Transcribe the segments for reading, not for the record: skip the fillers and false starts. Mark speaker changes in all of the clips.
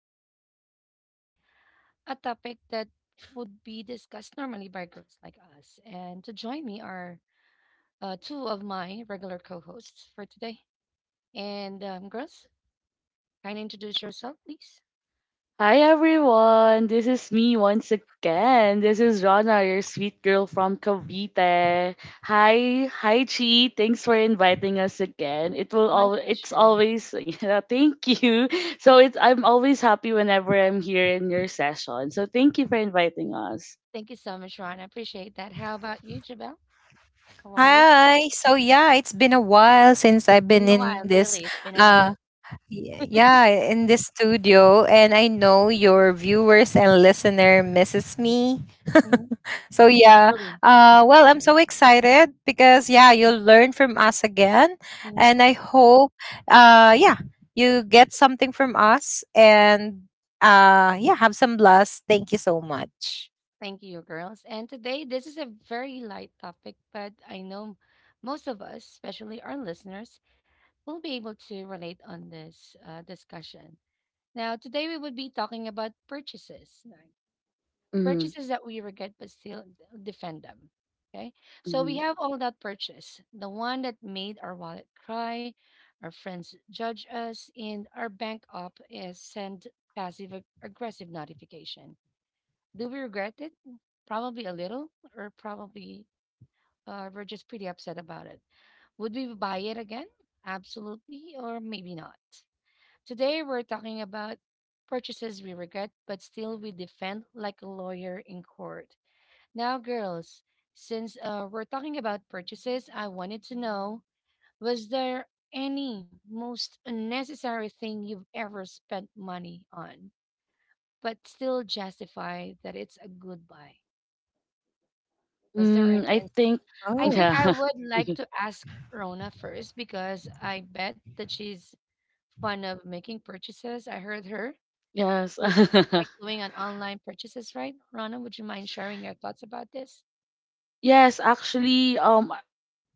Speaker 1: we will be discussing a topic that would be discussed normally by girls like us. And to join me are two of my regular co hosts for today. And, girls, kind of introduce yourself, please.
Speaker 2: Hi everyone, this is me once again. This is Rana, your sweet girl from Cavite. Hi Chi. Thanks for inviting us again. It will
Speaker 1: My
Speaker 2: all it's
Speaker 1: pleasure.
Speaker 2: always yeah, thank you. So it's I'm always happy whenever I'm here in your session. So thank you for inviting us.
Speaker 1: Thank you so much, Ron. I appreciate that. How about you, Jabel? How are you?
Speaker 3: Hi. So yeah, it's been a while since
Speaker 1: It's
Speaker 3: I've
Speaker 1: been
Speaker 3: been
Speaker 1: a
Speaker 3: in
Speaker 1: while,
Speaker 3: this
Speaker 1: really. It's been a while.
Speaker 3: uh yeah, in this studio and I know your viewers and listener misses me.
Speaker 1: Mhm.
Speaker 3: So yeah,
Speaker 1: Truly.
Speaker 3: I'm so excited because yeah, you'll learn from us again, and I hope uh, yeah you get something from us and yeah have some blast. Thank you so much.
Speaker 1: Thank you, girls. And today, this is a very light topic, but I know most of us, especially our listeners, will be able to relate on this discussion. Now, today we would be talking about purchases, like
Speaker 2: Mm-hmm,
Speaker 1: purchases that we regret but still defend them. Okay, so
Speaker 2: mm-hmm.
Speaker 1: we have all that purchase, the one that made our wallet cry, our friends judge us, and our bank up is send passive aggressive notification. Do we regret it? Probably a little, or probably we're just pretty upset about it. Would we buy it again? Absolutely, or maybe not. Today, we're talking about purchases we regret, but still we defend like a lawyer in court. Now, girls, since we're talking about purchases, I wanted to know was there any most unnecessary thing you've ever spent money on, but still justify that it's a good buy? Was there any
Speaker 2: Mm, I think
Speaker 3: Oh,
Speaker 1: I think
Speaker 2: yeah.
Speaker 1: I would like to ask Rona first because I bet that she's fun of making purchases. I heard her.
Speaker 2: Yes.
Speaker 1: She's like doing an online purchases, right? Rona, would you mind sharing your thoughts about this?
Speaker 2: Yes, actually, um,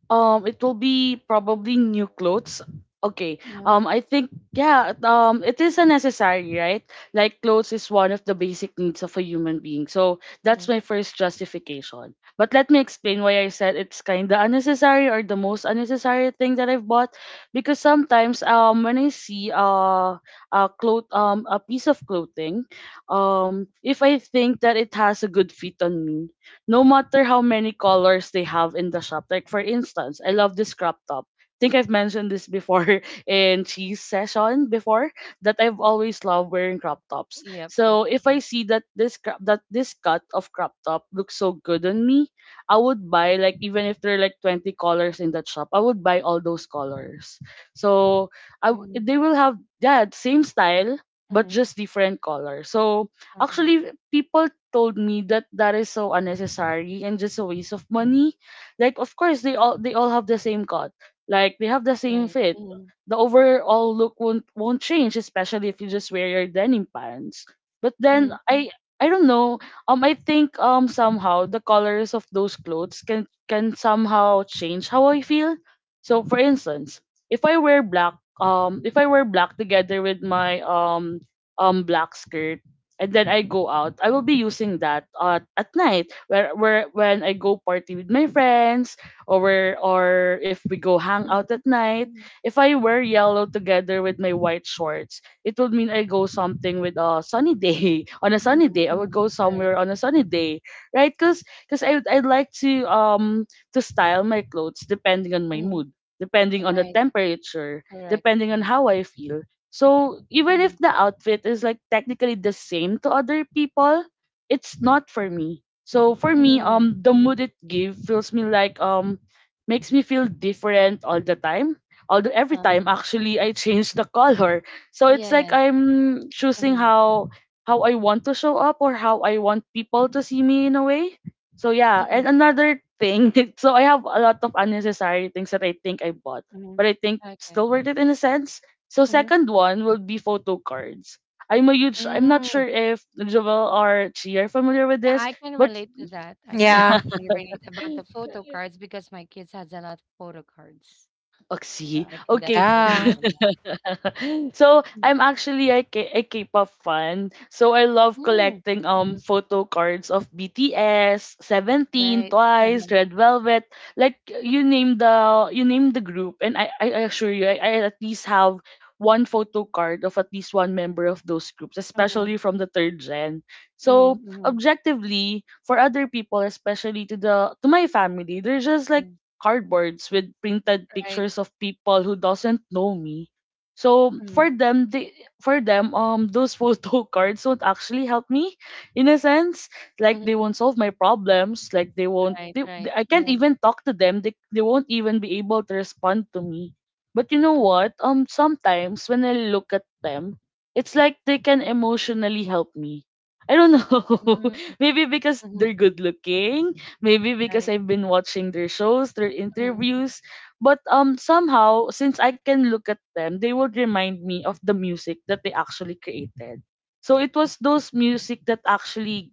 Speaker 2: Um, it will be probably new clothes. Okay.
Speaker 1: Mm-hmm.
Speaker 2: I think yeah. It is a necessary, right? Like clothes is one of the basic needs of a human being. So
Speaker 1: Mm-hmm.
Speaker 2: that's my first justification. But let me explain why I said it's kind of unnecessary or the most unnecessary thing that I've bought, because sometimes when I see a piece of clothing, if I think that it has a good fit on me no matter how many colors they have in the shop. Like for instance, I love this crop top. I think I've mentioned this before in cheese session before that I've always loved wearing crop tops.
Speaker 1: Yep, yep.
Speaker 2: So if I see that this cut of crop top looks so good on me, I would buy like even if there are like 20 colors in that shop, I would buy all those colors. So
Speaker 1: Mm-hmm.
Speaker 2: they will have that same style but
Speaker 1: Mm-hmm.
Speaker 2: just different color. So
Speaker 1: Uh-huh.
Speaker 2: actually people told me that that is so unnecessary and just a waste of money. Like of course they all have the same cut. Like they have the same
Speaker 1: Right.
Speaker 2: fit.
Speaker 1: Mm-hmm.
Speaker 2: The overall look won't change, especially if you just wear your denim pants. But then
Speaker 1: Mm-hmm.
Speaker 2: I don't know. I think somehow the colors of those clothes can somehow change how I feel. So for instance, if I wear black together with my black skirt and then I go out, I will be using that at night where when I go party with my friends or if we go hang
Speaker 1: Mm-hmm.
Speaker 2: out at night.
Speaker 1: Mm-hmm.
Speaker 2: If I wear yellow together with my white shorts, it would mean I go something with a sunny day on a sunny day. I would
Speaker 1: Mm-hmm.
Speaker 2: go
Speaker 1: Right.
Speaker 2: somewhere on a sunny day, right? Cause I'd like to style my clothes depending on my mood,
Speaker 1: Mm-hmm.
Speaker 2: depending on the
Speaker 1: Right.
Speaker 2: temperature,
Speaker 1: Correct.
Speaker 2: depending on
Speaker 1: Correct.
Speaker 2: how I feel, so even
Speaker 1: Mm-hmm.
Speaker 2: if the outfit is like technically the same to other people, it's not for me. So for me,
Speaker 1: Mm-hmm.
Speaker 2: the
Speaker 1: Mm-hmm.
Speaker 2: mood it gives feels me like makes me feel different all the time. Although every
Speaker 1: Uh-huh.
Speaker 2: time actually I change the color. So it's like
Speaker 1: Yes.
Speaker 2: I'm choosing
Speaker 1: Mm-hmm.
Speaker 2: how I want to show up or how I want people to see me in a way. So yeah, and
Speaker 1: Mm-hmm.
Speaker 2: another thing, so I have a lot of unnecessary things that I think I bought,
Speaker 1: Mm-hmm.
Speaker 2: but I think
Speaker 1: Okay.
Speaker 2: still worth it in a sense, so second one will be photo cards. I'm a huge I'm not
Speaker 1: Mm-hmm.
Speaker 2: sure if Joel or Chi are familiar with
Speaker 1: Yeah,
Speaker 2: this,
Speaker 1: I can
Speaker 2: but
Speaker 1: relate to that. I can
Speaker 3: yeah,
Speaker 2: yeah.
Speaker 1: definitely relate about the photo cards because my kids has a lot of photo cards.
Speaker 2: Oh.
Speaker 1: So I can
Speaker 2: Okay.
Speaker 1: definitely relate
Speaker 3: yeah.
Speaker 1: on that.
Speaker 2: So
Speaker 1: Mm.
Speaker 2: I'm actually a K-pop fan. So I love
Speaker 1: Mm.
Speaker 2: collecting
Speaker 1: Hmm.
Speaker 2: photo cards of BTS, Seventeen,
Speaker 1: Right.
Speaker 2: Twice,
Speaker 1: Uh-huh.
Speaker 2: Red Velvet. Like you name the group, and I assure you, I at least have one photo card of at least one member of those groups,
Speaker 1: Hmm.
Speaker 2: especially from the third gen.
Speaker 1: Hmm.
Speaker 2: So
Speaker 1: Hmm.
Speaker 2: objectively, for other people, especially to my family, they're just like
Speaker 1: Hmm.
Speaker 2: cardboards with printed
Speaker 1: Right.
Speaker 2: pictures of people who doesn't know me. So
Speaker 1: Hmm.
Speaker 2: for them, those photo cards won't actually help me, in a sense. Like they
Speaker 1: Hmm.
Speaker 2: won't solve my problems. Like they won't.
Speaker 1: Right. Right.
Speaker 2: I can't
Speaker 1: Uh-huh.
Speaker 2: even talk to them. They won't even be able to respond to me. But you know
Speaker 1: Hmm.
Speaker 2: what? Sometimes when I look at them, it's like they can emotionally help me. I don't know. Maybe because
Speaker 1: Hmm.
Speaker 2: they're good looking. Maybe because
Speaker 1: Right.
Speaker 2: I've been watching their shows, their
Speaker 1: Hmm.
Speaker 2: interviews. But somehow, since I can look at them, they would remind me of the music that they actually created. So it was those music that actually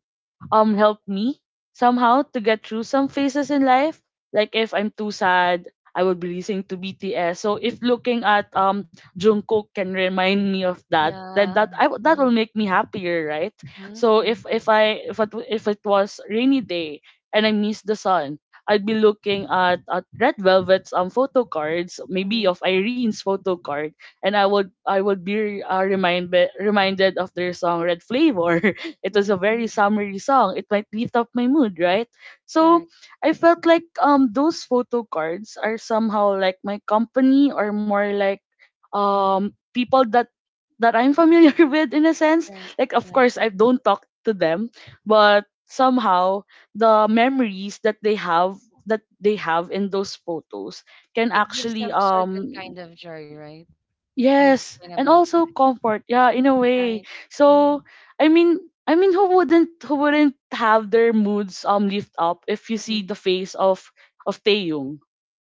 Speaker 2: helped me somehow to get through some phases in life. Like if I'm too sad, I would be listening to BTS. So if looking at Jungkook can remind me of that, then
Speaker 1: Yeah.
Speaker 2: that
Speaker 1: Hmm.
Speaker 2: will make me happier, right?
Speaker 1: Hmm.
Speaker 2: So
Speaker 1: Hmm.
Speaker 2: if I if it, w- if it was rainy day and I miss the sun, I'd be looking at Red Velvet's photo cards, maybe
Speaker 1: Hmm.
Speaker 2: of Irene's photo card, and I would be reminded of their song Red Flavor. It was a very
Speaker 1: Hmm.
Speaker 2: summery song. It might lift up my mood, right? So
Speaker 1: Correct.
Speaker 2: I felt like those photo cards are somehow like my company or more like
Speaker 1: Hmm.
Speaker 2: people that I'm familiar with in a sense.
Speaker 1: Right.
Speaker 2: Like of
Speaker 1: Right.
Speaker 2: course I don't talk to them, but somehow the memories that they have in those photos can
Speaker 1: It gives
Speaker 2: actually
Speaker 1: them certain
Speaker 2: um
Speaker 1: kind of joy, right?
Speaker 2: Yes, and
Speaker 1: Unexplainable
Speaker 2: also
Speaker 1: joy.
Speaker 2: comfort. Yeah, in a way.
Speaker 1: Right. Mm-hmm.
Speaker 2: So, I mean, I mean, who wouldn't have their moods lift up if you see
Speaker 1: Mm-hmm.
Speaker 2: the face of Taeyong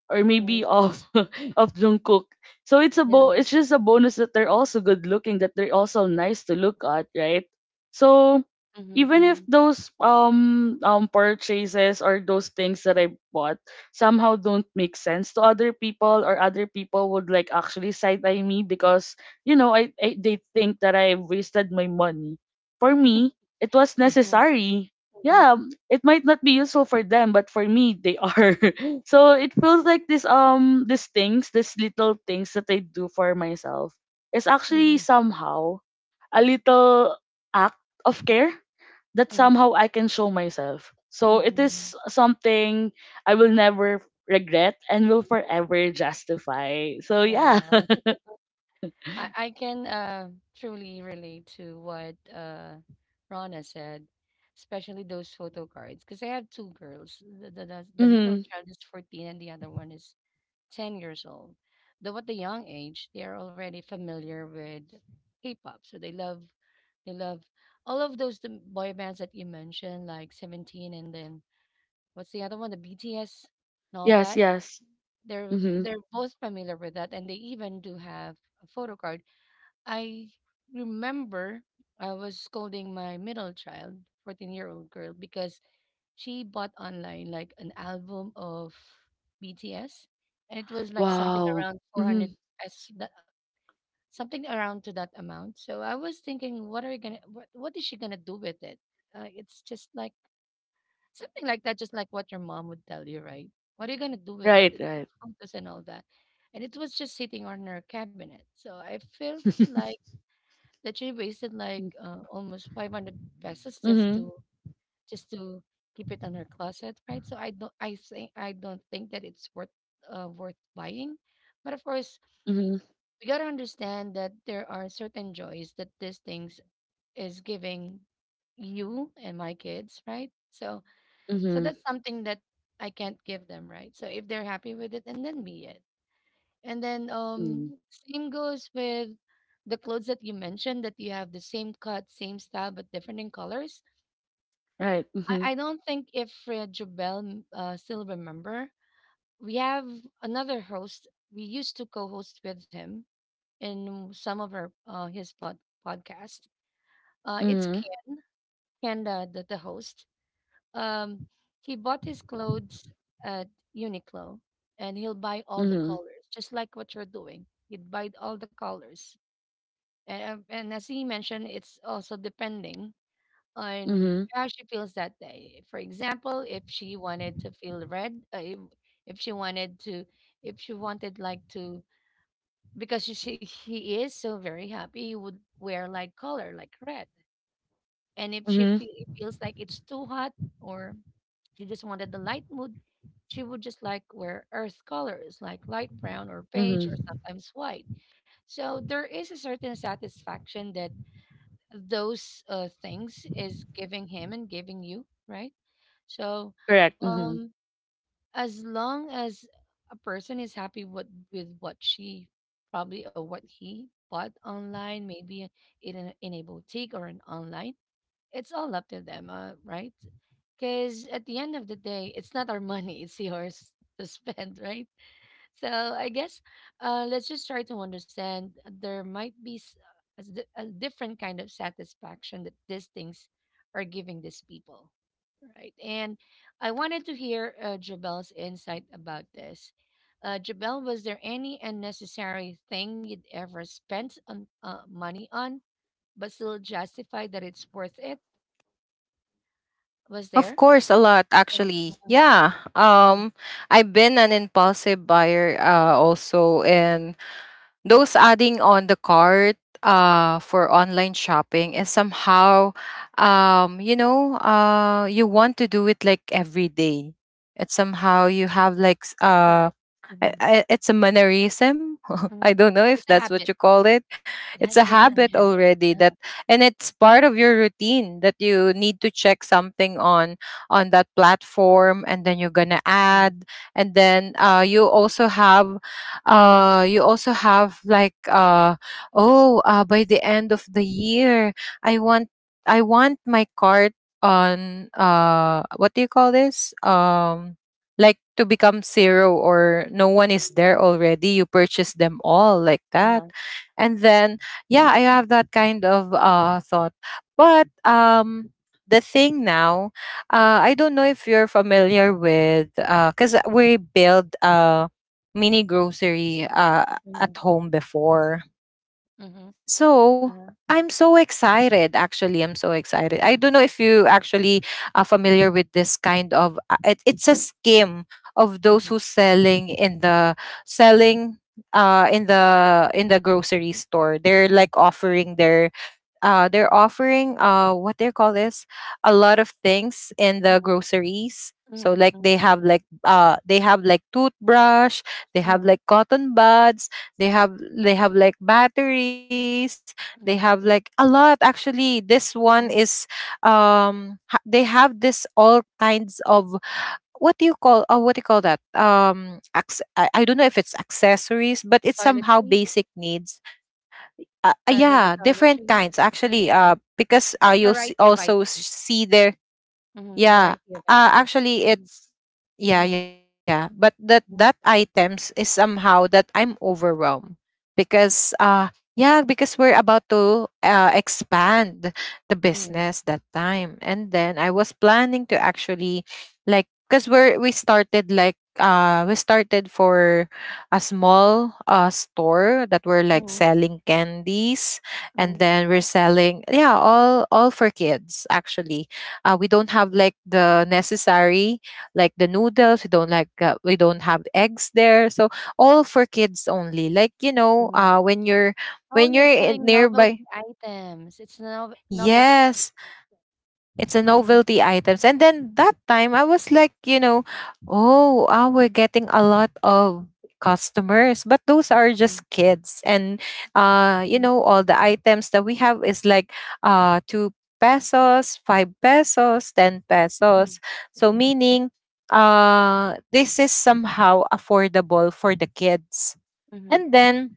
Speaker 2: or maybe
Speaker 1: Right, right.
Speaker 2: of of Jungkook. So it's a bo-
Speaker 1: Yeah.
Speaker 2: it's just a bonus that they're also good looking, that they're also nice to look at, right? So
Speaker 1: Mhm,
Speaker 2: even if
Speaker 1: mhm.
Speaker 2: those purchases or those things that I bought somehow don't make sense to other people, or other people would like actually side eye me because I they think that I wasted my money. For me, it was
Speaker 1: Yeah.
Speaker 2: necessary.
Speaker 1: Mhm,
Speaker 2: Yeah, it might not be useful for them, but for me they are. So it feels like this these things, these little things that I do for myself is actually
Speaker 1: mhm,
Speaker 2: somehow a little act of care that
Speaker 1: mhm,
Speaker 2: somehow I can show myself. So it
Speaker 1: mhm.
Speaker 2: is something I will never regret and will forever justify. So
Speaker 1: Yeah, I
Speaker 2: yeah.
Speaker 1: know. I can truly relate to what Rana said, especially those photo cards. Because I have two girls. The middle
Speaker 2: Hmm.
Speaker 1: child is 14 and the other one is 10 years old. Though at the young age, they are already familiar with K-pop, so they love all of those the boy bands that you mentioned, like Seventeen and then what's the other one? The BTS and all
Speaker 2: Yes,
Speaker 1: that.
Speaker 2: yes.
Speaker 1: They're
Speaker 2: Hmm.
Speaker 1: they're both familiar with that, and they even do have a photo card. I remember I was scolding my middle child, 14-year-old girl, because she bought online like an album of BTS, and it was like something
Speaker 2: Wow.
Speaker 1: around four
Speaker 2: Hmm.
Speaker 1: hundred pesos, that, something around to that amount. So I was thinking, what are you gonna, what is she gonna do with it? It's just like Something like that, just like what your mom would tell you, right? What are you gonna do with
Speaker 2: Right,
Speaker 1: that? It's
Speaker 2: right.
Speaker 1: just photos and all that. And it was just sitting on her cabinet. So I felt like that she wasted like almost 500 pesos just
Speaker 2: Mm-hmm.
Speaker 1: to just to keep it on her closet, right? So I don't think that it's worth worth buying. But of course,
Speaker 2: Mm-hmm.
Speaker 1: we gotta understand that there are certain joys that these things is giving you and my kids, right? So
Speaker 2: Mm-hmm.
Speaker 1: that's something that I can't give them, right? So if they're happy with it, and then be it. And then
Speaker 2: Mm-hmm.
Speaker 1: same goes with the clothes that you mentioned that you have the same cut, same style, but different in colors.
Speaker 2: Right. Mm-hmm.
Speaker 1: I don't think if Jobel still remember, we have another host. We used to co-host with him in some of our his podcast. It's
Speaker 2: Mm-hmm.
Speaker 1: Kanda, the host. Um, he bought his clothes at Uniqlo, and he'll buy all the colors, just like what you're doing. He'd buy all the colors, and as he mentioned, it's also depending
Speaker 2: Mm-hmm.
Speaker 1: on
Speaker 2: Mm-hmm.
Speaker 1: how she feels that day. For example, if she wanted to feel red, if she wanted to, if she wanted like to, because she he is so very happy, he would wear like color like red. And if she
Speaker 2: Mm-hmm.
Speaker 1: feels like it's too hot or she just wanted the light mood. She would just like wear earth colors, like light brown or beige or
Speaker 2: Mm-hmm.
Speaker 1: sometimes white. So there is a certain satisfaction that those things is giving him and giving you, right? So,
Speaker 2: Correct. Mm-hmm.
Speaker 1: um, as long as a person is happy with what she probably or what he bought online, maybe in a boutique or an online it's all up to them, right? Because at the end of the day, it's not our money, it's yours to spend, right? So I guess let's just try to understand there might be a different kind of satisfaction that these things are giving these people, right? And I wanted to hear Jabel's insight about this. Jabel, was there any unnecessary thing you'd ever spent on money on, but still justify that it's worth it? Was
Speaker 3: Of
Speaker 1: there?
Speaker 3: course, a lot
Speaker 1: Uh-huh,
Speaker 3: actually.
Speaker 1: mhm,
Speaker 3: Yeah.
Speaker 1: mhm,
Speaker 3: I've been an impulsive buyer also, and those adding on the cart for online shopping is somehow, you know, you want to do it like every day. It's somehow you have like
Speaker 1: correct. Mhm,
Speaker 3: it's a mannerism. I
Speaker 1: mhm.
Speaker 3: don't know
Speaker 1: It's
Speaker 3: if
Speaker 1: a
Speaker 3: that's
Speaker 1: habit.
Speaker 3: what you call it.
Speaker 1: It
Speaker 3: It's a
Speaker 1: has been an
Speaker 3: habit
Speaker 1: habit.
Speaker 3: already, that,
Speaker 1: Uh-huh,
Speaker 3: and it's part of your routine that you need to check something on that platform, and then you're gonna
Speaker 1: mhm,
Speaker 3: add, and then you also have like, oh, by the end of the year, I want I want my cart on, what do you call this? Like to become zero or no one is there already, you purchase them all like that.
Speaker 1: uh-huh,
Speaker 3: And then yeah, I have that kind of thought. But the thing now, I don't know if you're familiar with because we built a mini grocery
Speaker 1: mhm,
Speaker 3: at home before.
Speaker 1: mhm,
Speaker 3: So I'm
Speaker 1: uh-huh,
Speaker 3: so excited. Actually, I'm so excited. I don't know if you actually are familiar with
Speaker 1: mhm,
Speaker 3: this kind of it's a scheme of those who
Speaker 1: mhm,
Speaker 3: selling in the selling in the grocery store. They're
Speaker 1: uh-huh,
Speaker 3: like offering their they're offering, what they call this, a lot of things in the
Speaker 1: mhm,
Speaker 3: groceries.
Speaker 1: mhm,
Speaker 3: So like
Speaker 1: mhm,
Speaker 3: they have like they have like toothbrush, they have
Speaker 1: mhm,
Speaker 3: like cotton buds, they have like batteries, they
Speaker 1: mhm,
Speaker 3: have like a lot. Actually this one
Speaker 1: mhm.
Speaker 3: is, they have this all kinds of, what do you call, oh, what do you call that, acc- I don't know if it's accessories, but it's somehow
Speaker 1: Toiletries,
Speaker 3: basic needs.
Speaker 1: or the
Speaker 3: Yeah, different
Speaker 1: toiletries.
Speaker 3: kinds
Speaker 1: Mhm,
Speaker 3: actually,
Speaker 1: mhm,
Speaker 3: because you'll s-
Speaker 1: Variety of
Speaker 3: also
Speaker 1: items.
Speaker 3: see their.
Speaker 1: Mhm,
Speaker 3: Yeah.
Speaker 1: Variety of items.
Speaker 3: Actually,
Speaker 1: Mhm,
Speaker 3: it's yeah,
Speaker 1: mhm,
Speaker 3: yeah. But that
Speaker 1: mhm,
Speaker 3: items is somehow that I'm overwhelmed because yeah, because we're about to expand the
Speaker 1: mhm,
Speaker 3: business that time, and then I was planning to actually, like because we started like we started for a small store that we're like
Speaker 1: mhm,
Speaker 3: selling candies, and
Speaker 1: mhm,
Speaker 3: then we're selling yeah, all for kids actually. We don't have like the necessary, like the noodles, we don't have eggs there, so all for kids only. Like you know,
Speaker 1: mhm.
Speaker 3: when you're
Speaker 1: Oh, you're selling
Speaker 3: in
Speaker 1: novelty
Speaker 3: nearby.
Speaker 1: items. It's no novelty.
Speaker 3: Yes, it's a
Speaker 1: Mhm,
Speaker 3: novelty items. And then that time I was like, you know, oh, ah, we're getting a lot of customers, but those are
Speaker 1: mhm,
Speaker 3: just kids. And you
Speaker 1: mhm,
Speaker 3: know, all the items that we have is like two pesos, five pesos, ten pesos.
Speaker 1: mhm,
Speaker 3: So
Speaker 1: mhm,
Speaker 3: meaning this is somehow affordable for the kids.
Speaker 1: mhm,
Speaker 3: And then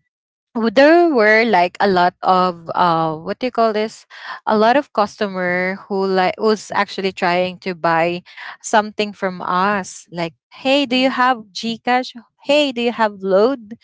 Speaker 3: there were like a lot of, what do you call this, a lot of customer who like was actually trying to buy something from us like, hey, do you
Speaker 1: mhm.
Speaker 3: have gcash, hey do you have load,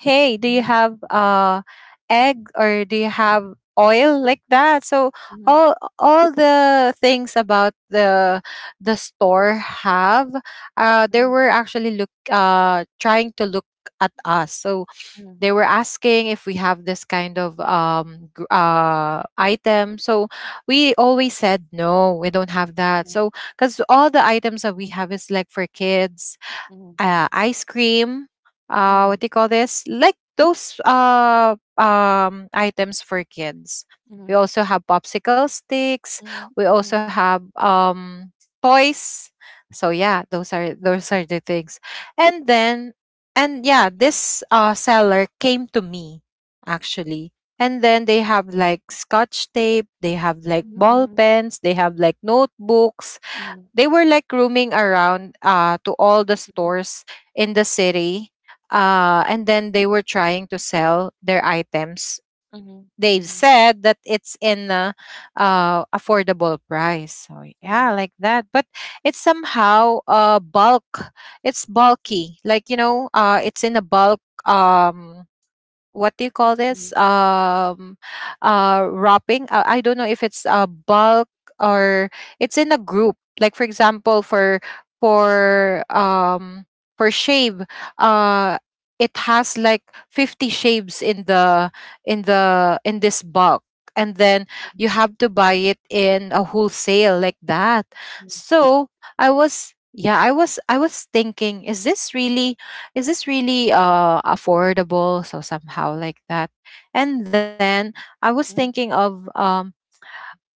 Speaker 3: hey do you
Speaker 1: Mhm,
Speaker 3: have egg, or do you
Speaker 1: mhm,
Speaker 3: have oil, like that. So
Speaker 1: mhm,
Speaker 3: all all the things about the store have, they
Speaker 1: mhm,
Speaker 3: were actually look, trying to look at us, so
Speaker 1: mhm,
Speaker 3: they were asking if we have this kind of, item. So we always said, no, we don't have that. So, because all the items that we have is like for kids,
Speaker 1: mhm,
Speaker 3: ice cream. What do
Speaker 1: mhm,
Speaker 3: you call this? Like those items for kids. We
Speaker 1: mhm,
Speaker 3: also have popsicle sticks.
Speaker 1: mhm,
Speaker 3: We
Speaker 1: mhm, mhm,
Speaker 3: also have toys. So yeah, those are the things. And then, and yeah, this seller came to me actually. And then they have like scotch tape, they have like
Speaker 1: mhm,
Speaker 3: ball
Speaker 1: mhm,
Speaker 3: pens, they have like notebooks,
Speaker 1: mhm,
Speaker 3: they were like roaming around, to all the stores in the city, and then they were trying to sell their items.
Speaker 1: mhm,
Speaker 3: They've
Speaker 1: mhm,
Speaker 3: said that it's in a, affordable price, so yeah
Speaker 1: mhm,
Speaker 3: like that. But it's somehow bulk, it's bulky. Like you know, it's in a bulk, what do you call this,
Speaker 1: mhm,
Speaker 3: wrapping. I don't know if it's a bulk, or it's in a group. Like for example, for um for shave, uh it has like 50 shaves in the in this bulk, and then you have to buy it in a wholesale like that.
Speaker 1: mhm.
Speaker 3: So I was I was thinking, is this really affordable, so somehow like that. And then I was
Speaker 1: Mm,
Speaker 3: thinking of,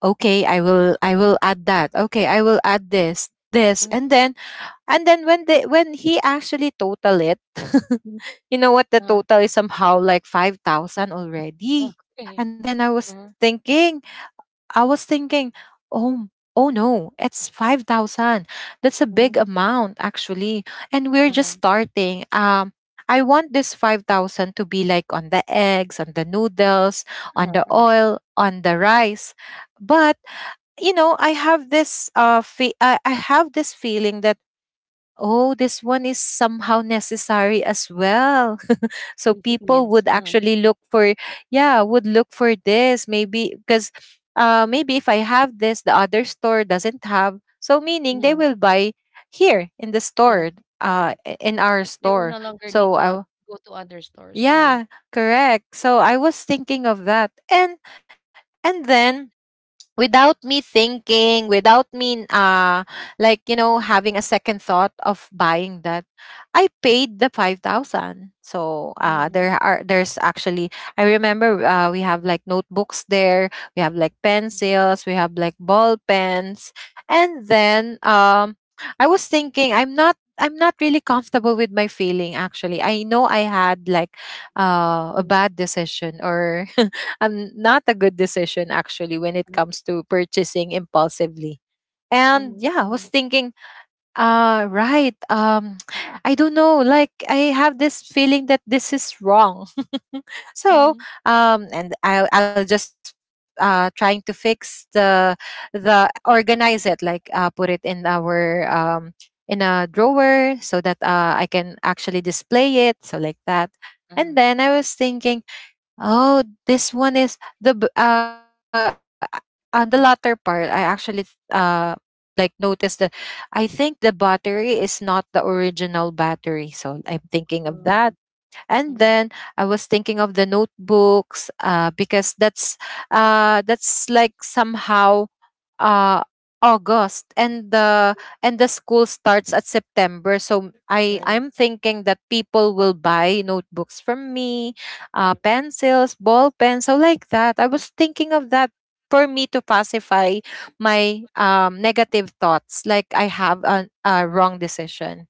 Speaker 3: okay, I will, I will add that, okay I will add this this.
Speaker 1: mm,
Speaker 3: And then, and then when they, when he actually total it, you know what, the
Speaker 1: uh,
Speaker 3: total is somehow like 5,000 already.
Speaker 1: Okay.
Speaker 3: And then I was
Speaker 1: Uh-huh.
Speaker 3: thinking, I was thinking, oh, oh no, it's 5,000. That's a big
Speaker 1: Mm,
Speaker 3: amount, actually. And we're just
Speaker 1: uh-huh,
Speaker 3: starting. I want this 5,000 to be like on the eggs, on the noodles, on
Speaker 1: uh-huh,
Speaker 3: the
Speaker 1: uh-huh.
Speaker 3: oil, on the rice. But, you know, I have this I have this feeling that, oh, this one is somehow necessary as well, so
Speaker 1: Basic
Speaker 3: people
Speaker 1: needs.
Speaker 3: would actually look for, yeah, would look for this, maybe because, maybe if I have this, the other store doesn't have. So meaning they
Speaker 1: Mm,
Speaker 3: will buy here in the
Speaker 1: yes,
Speaker 3: store,
Speaker 1: correct.
Speaker 3: in our
Speaker 1: They will
Speaker 3: store.
Speaker 1: no longer
Speaker 3: So
Speaker 1: need to
Speaker 3: I,
Speaker 1: go to other stores, right?
Speaker 3: yeah, correct. So I was thinking of that. And then without me thinking, without me like you know having a second thought of buying that, I paid the 5,000. So
Speaker 1: Mm-hmm.
Speaker 3: there are, there's actually, I remember, we have like notebooks there, we have like pencils, we have like ball pens, and then I was thinking, I'm not really comfortable with my feeling actually. I know I had like, a
Speaker 1: Mm-hmm.
Speaker 3: bad decision, or not a good decision actually, when it
Speaker 1: Mm-hmm.
Speaker 3: comes to purchasing impulsively. And yeah, I was thinking, right, I don't know, like I have this feeling that this is wrong. So,
Speaker 1: Mm-hmm.
Speaker 3: and I I'll just trying to fix the, organize it, like put it in our in a drawer, so that I can actually display it, so like that. And
Speaker 1: Uh-huh.
Speaker 3: then I was thinking, oh, this one is the on the latter part. I
Speaker 1: Mm-hmm.
Speaker 3: actually uh like noticed that I think the battery is not the original battery, so I'm thinking of that.
Speaker 1: Oh.
Speaker 3: And
Speaker 1: Mm-hmm.
Speaker 3: then I was thinking of the notebooks, because that's like somehow, uh August, and the school starts at September, so I
Speaker 1: Right.
Speaker 3: I'm thinking that people will buy notebooks from me,
Speaker 1: Mhm.
Speaker 3: pencils, ball pens, so like that. I was thinking of that for me to pacify my negative thoughts, like I have a wrong decision.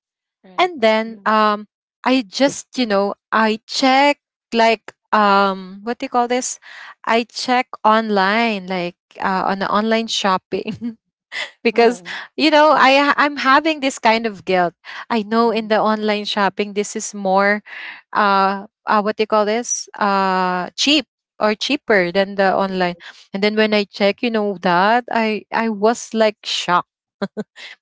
Speaker 3: And then
Speaker 1: Right.
Speaker 3: I just, you know, I check, like what do you call this? I check online, like on the online shopping, because,
Speaker 1: Mm.
Speaker 3: you know,
Speaker 1: Mm,
Speaker 3: I'm having this kind of guilt. I know in
Speaker 1: mm.
Speaker 3: the online shopping this is more, what they call this, cheap, or cheaper than the
Speaker 1: She.
Speaker 3: online. And then when I check, you know that I was like shocked.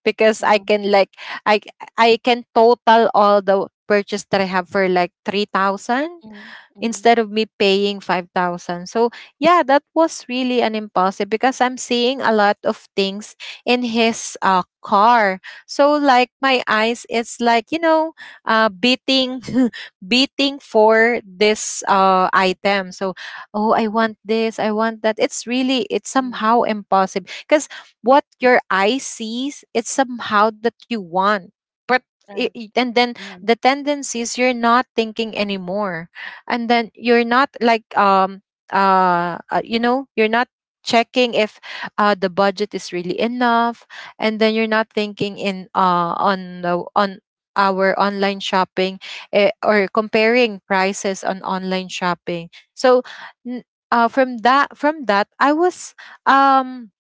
Speaker 3: Because I
Speaker 1: Mhm,
Speaker 3: can like, i I can total all the purchase that I have for like 3,000,
Speaker 1: mhm, mhm,
Speaker 3: instead of me paying 5,000. So yeah, that was really an impulsive, because I'm seeing a lot of things in his car. So like my eyes it's like, you know, beating, beating for this item. So oh, I want this, I want that. It's really, it's
Speaker 1: mhm.
Speaker 3: somehow impossible because what your eye sees it's somehow that you want. But
Speaker 1: Right.
Speaker 3: and then
Speaker 1: Mhm.
Speaker 3: the tendencies, you're not thinking anymore, and then you're not like you know, you're not checking if the budget is really enough. And then you're not thinking in on the on our online shopping, eh, or comparing prices on online shopping. So n- from that, I was, um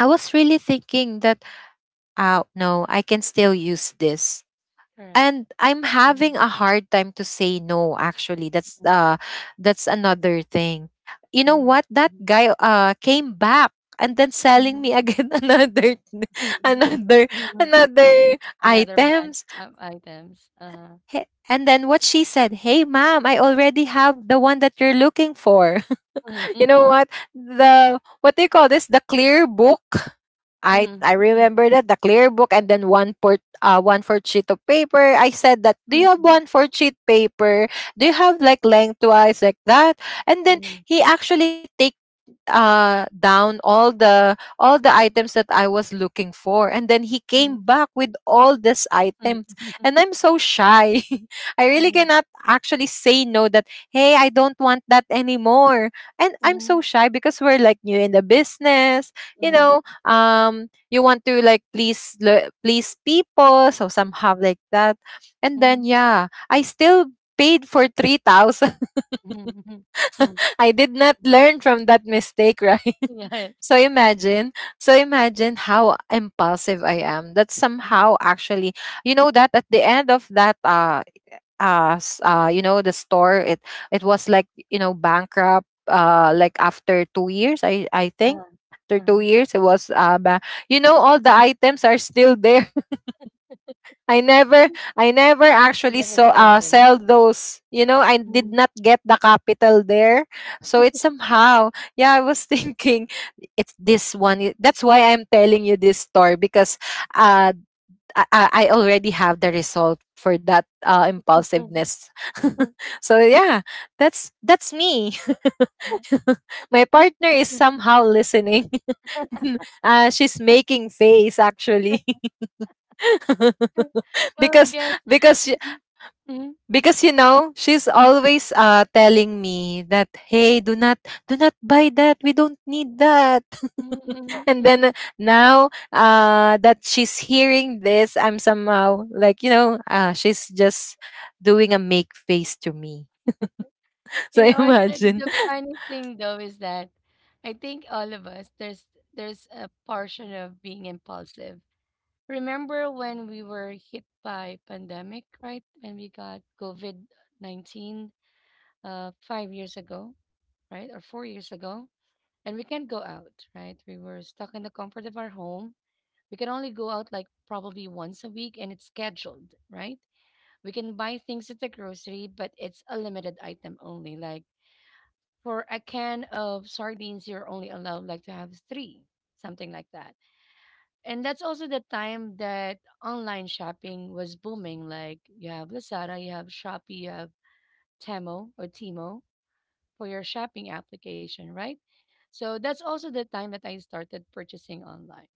Speaker 3: I was really thinking that, oh no, I can still use this.
Speaker 1: Correct.
Speaker 3: And I'm
Speaker 1: Mhm,
Speaker 3: having a hard time to say no, actually. That's
Speaker 1: mhm,
Speaker 3: that's another thing. You know
Speaker 1: mhm,
Speaker 3: what, that guy came back, and then selling
Speaker 1: mhm,
Speaker 3: me
Speaker 1: mhm,
Speaker 3: again. Another
Speaker 1: mhm,
Speaker 3: another
Speaker 1: mhm, mhm.
Speaker 3: Another
Speaker 1: Another batch
Speaker 3: items.
Speaker 1: of items.
Speaker 3: And then what she said, hey ma'am, I already have the one that you're looking for.
Speaker 1: Mhm,
Speaker 3: You
Speaker 1: mhm,
Speaker 3: know what? The what do you call this? The clear book. I
Speaker 1: mhm,
Speaker 3: I
Speaker 1: mhm,
Speaker 3: remember that the clear book and then one fourth sheet of paper. I said that do you have
Speaker 1: mhm,
Speaker 3: one fourth sheet paper? Do you have like lengthwise like that? And then
Speaker 1: mhm,
Speaker 3: he actually take down all the items that I was looking for, and then he came
Speaker 1: mhm,
Speaker 3: back with all these items
Speaker 1: mhm,
Speaker 3: and I'm so shy. I really
Speaker 1: mhm,
Speaker 3: cannot actually say no that hey I don't want that anymore, and I'm so
Speaker 1: mhm,
Speaker 3: shy because we're like new in the business. You know, you want to like please people, so somehow like that. And then
Speaker 1: mhm,
Speaker 3: yeah, I still paid for 3,000.
Speaker 1: mhm, mhm, mhm.
Speaker 3: I did not learn from that mistake, right?
Speaker 1: Yes.
Speaker 3: so imagine so imagine how impulsive I am, that
Speaker 1: Mhm,
Speaker 3: somehow actually, you know, that at the end of that you know, the store, it was like, you know, bankrupt,
Speaker 1: mhm.
Speaker 3: like after 2 years, I think.
Speaker 1: Uh,
Speaker 3: After 2
Speaker 1: uh.
Speaker 3: years it was you know, all the items are still there. i never I never
Speaker 1: You
Speaker 3: actually
Speaker 1: never sold them.
Speaker 3: sell those. You know, I did
Speaker 1: Mhm.
Speaker 3: not get the capital there. So it's somehow, yeah, I was thinking, it's this one that's why I'm telling you this story because uh I already have the result for that impulsiveness. So yeah, that's me. My partner is somehow listening. She's making face actually.
Speaker 1: Well, I
Speaker 3: because
Speaker 1: guess.
Speaker 3: because she-
Speaker 1: Mm-hmm.
Speaker 3: because you know, she's always telling me that hey, do not buy that, we don't need that.
Speaker 1: Mm, mhm,
Speaker 3: And
Speaker 1: mm.
Speaker 3: then now that she's hearing this, I'm somehow like, you know, she's just doing a make face to me. So
Speaker 1: You know what? The,
Speaker 3: imagine.
Speaker 1: the funny thing though is that I think all of us there's a portion of being impulsive. Remember when we were hit by pandemic, right? When we got COVID-19, 5 years ago, right, or 4 years ago, and we can't go out, right? We were stuck in the comfort of our home. We can only go out like probably once a week, and it's scheduled, right? We can buy things at the grocery, but it's a limited item only, like for a can of sardines, you're only allowed like to have three, something like that. And that's also the time that online shopping was booming. Like you have Lazada, you have Shopee, you have Temo or Timo for your shopping application, right? So that's also the time that I started purchasing online.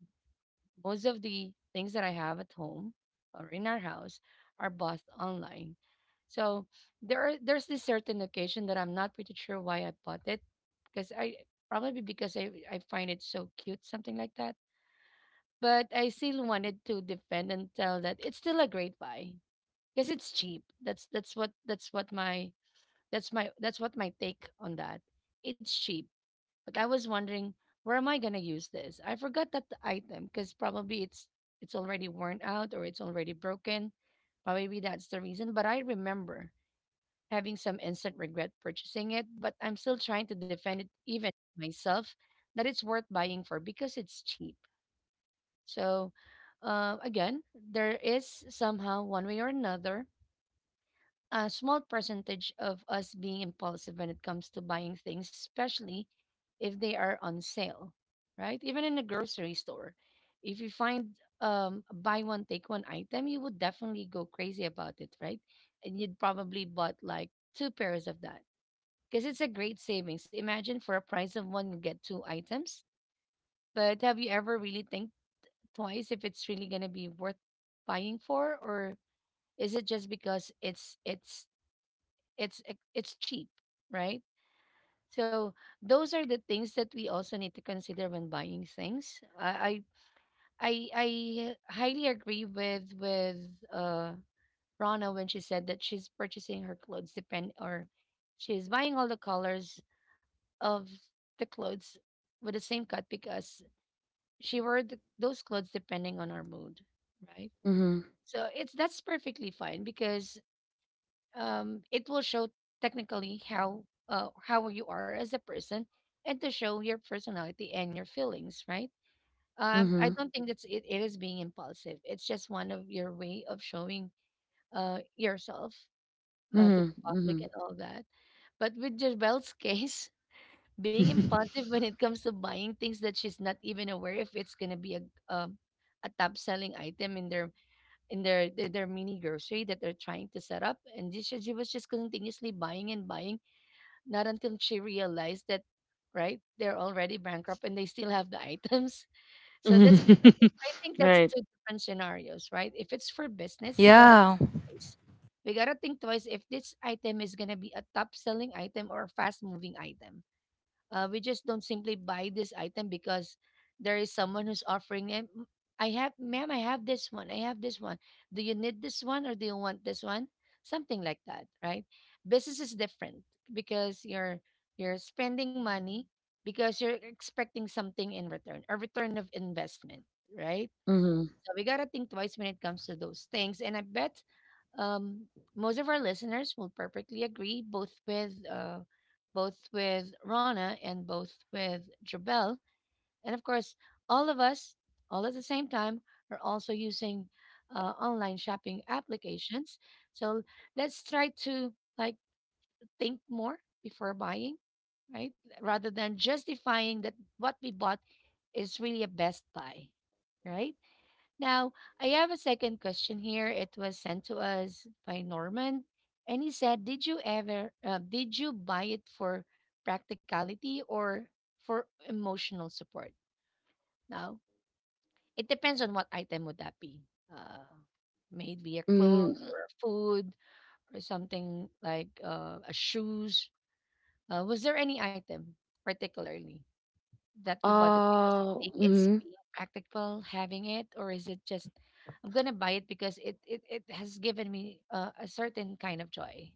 Speaker 1: Most of the things that I have at home or in our house are bought online. So there's this certain occasion that I'm not pretty sure why I bought it because I probably because I find it so cute, something like that. But I still wanted to defend and tell that it's still a great buy because it's cheap. That's what my that's what my take on that. It's cheap. But I was wondering, where am I gonna use this? I forgot that the item because probably it's already worn out or it's already broken. Probably that's the reason. But I remember having some instant regret purchasing it, but I'm still trying to defend it even myself that it's worth buying for because it's cheap. So again, there is somehow one way or another a small percentage of us being impulsive when it comes to buying things, especially if they are on sale, right? Even in a grocery store, if you find a buy one, take one item, you would definitely go crazy about it, right? And you'd probably bought like two pairs of that because it's a great savings. Imagine for a price of one, you get two items. But have you ever really think twice if it's really going to be worth buying for or is it just because it's cheap, right? So those are the things that we also need to consider when buying things. I highly agree with uh Rana when she said that she's purchasing her clothes depend or she's buying all the colors of the clothes with the same cut because she wore those clothes depending on our mood, right?
Speaker 2: Mm-hmm.
Speaker 1: So it's that's perfectly fine because it will show technically how you are as a person and to show your personality and your feelings, right? I
Speaker 2: Mm-hmm.
Speaker 1: don't think that's it, it is being impulsive. It's just one of your way of showing yourself to the public
Speaker 2: Mm-hmm.
Speaker 1: and all that. But with Jebel's case, being impulsive when it comes to buying things that she's not even aware if it's gonna be um, a top selling item in their their mini grocery that they're trying to set up, and she was just continuously buying and buying, not until she realized that, right, they're already bankrupt and they still have the items. so that's
Speaker 2: Mm-hmm.
Speaker 1: I think that's
Speaker 2: Right.
Speaker 1: two different scenarios, right? If it's for business,
Speaker 3: Yeah,
Speaker 1: we gotta think twice if this item is gonna be a top selling item or a fast moving item. We just don't simply buy this item because there is someone who's offering it. "M- I have, ma'am, I have this one. I have this one. Do you need this one or do you want this one? Something like that, right?" Business is different because you're spending money because you're expecting something in return, a return of investment, right?
Speaker 2: Mm-hmm.
Speaker 1: So we gotta think twice when it comes to those things. And I bet, um, most of our listeners will perfectly agree, both with Rana and both with Jabel, and of course, all of us, all at the same time, are also using online shopping applications. So let's try to like think more before buying, right? Rather than justifying that what we bought is really a best buy, right? Now, I have a second question here. It was sent to us by Norman, and he said, "Did you ever did you buy it for practicality or for emotional support?" Now, it depends on what item would that be. Uh, Maybe a clothes
Speaker 2: Mm.
Speaker 1: or a food or something like a shoes. Was there any item particularly that you bought it because you think it's
Speaker 2: Mm-hmm.
Speaker 1: being practical having it, or is it just I'm gonna buy it because it has given me a certain kind of joy?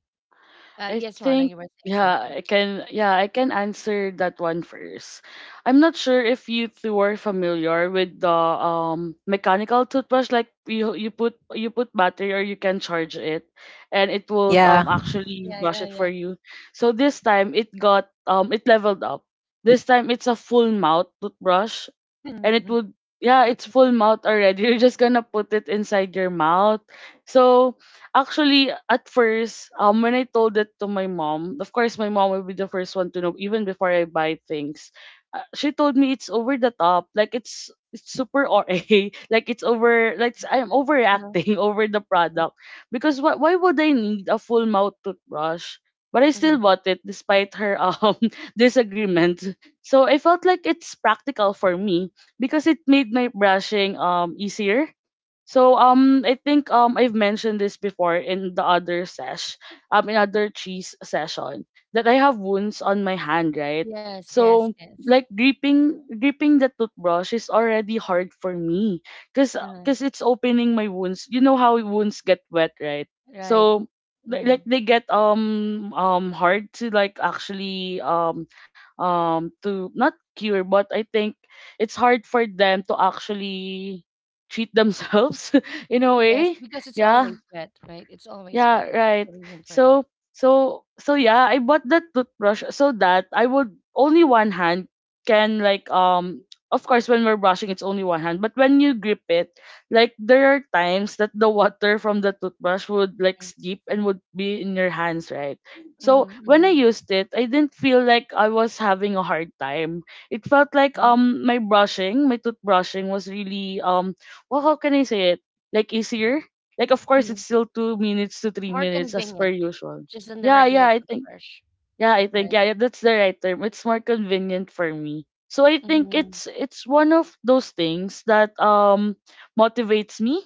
Speaker 2: I
Speaker 1: Yes, Rana,
Speaker 2: think
Speaker 1: you were saying something.
Speaker 2: yeah, I can answer that one first. I'm not sure if you two are familiar with the mechanical toothbrush, like you put battery or you can charge it and it will
Speaker 1: Mhm.
Speaker 3: yeah,
Speaker 2: actually
Speaker 1: Yeah,
Speaker 2: brush
Speaker 1: yeah,
Speaker 2: it for
Speaker 1: yeah.
Speaker 2: you. So this time it leveled up. This time it's a full mouth toothbrush, and it
Speaker 1: Mhm.
Speaker 2: would yeah, it's
Speaker 1: Mhm.
Speaker 2: full mouth already. You're just gonna put it inside your mouth. So actually at first, when I told it to my mom, of course my mom will be the first one to know even before I buy things. She told me it's over the top, like it's super R A, like it's over like it's- I'm
Speaker 1: Uh,
Speaker 2: overreacting over the
Speaker 1: mhm,
Speaker 2: product, because why would I need a full mouth toothbrush? But I
Speaker 1: mhm,
Speaker 2: still bought it despite her
Speaker 1: mhm.
Speaker 2: disagreement, so I felt like it's practical for me because it made my brushing easier. So I think I've mentioned this before in the other sesh in other cheese session that I have wounds on my hand, right?
Speaker 1: Yes, yes,
Speaker 2: So
Speaker 1: yes.
Speaker 2: like gripping the toothbrush is already hard for me, cuz
Speaker 1: Uh,
Speaker 2: cuz it's opening my wounds. You know how wounds get wet, right?
Speaker 1: right.
Speaker 2: So li-
Speaker 1: Mhm.
Speaker 2: like they get hard to like actually to not cure, but I think it's hard for them to actually treat themselves in a
Speaker 1: Yes,
Speaker 2: way.
Speaker 1: because it's
Speaker 2: Yeah,
Speaker 1: always wet, right? It's always wet.
Speaker 2: yeah,
Speaker 1: That's the
Speaker 2: right.
Speaker 1: reason for that.
Speaker 2: So so yeah, I bought that toothbrush so that I would only one hand can like of course when we're brushing it's only one hand, but when you grip it, like there are times that the water from the toothbrush would like seep and would be in your hands, right?
Speaker 1: Mm-hmm.
Speaker 2: So when
Speaker 1: Hmm,
Speaker 2: I used it, I didn't feel like I was having a hard time. It felt like my toothbrushing was really well, how can I say it? Like easier, like of course
Speaker 1: hmm.
Speaker 2: it's still 2 minutes to three
Speaker 1: More
Speaker 2: minutes as per
Speaker 1: convenient,
Speaker 2: usual.
Speaker 1: just than the
Speaker 2: Yeah,
Speaker 1: regular
Speaker 2: yeah, I think,
Speaker 1: toothbrush,
Speaker 2: yeah, I think,
Speaker 1: right?
Speaker 2: yeah, yeah, that's the right term. It's more convenient for me. So I think
Speaker 1: Mm-hmm.
Speaker 2: it's one of those things that motivates me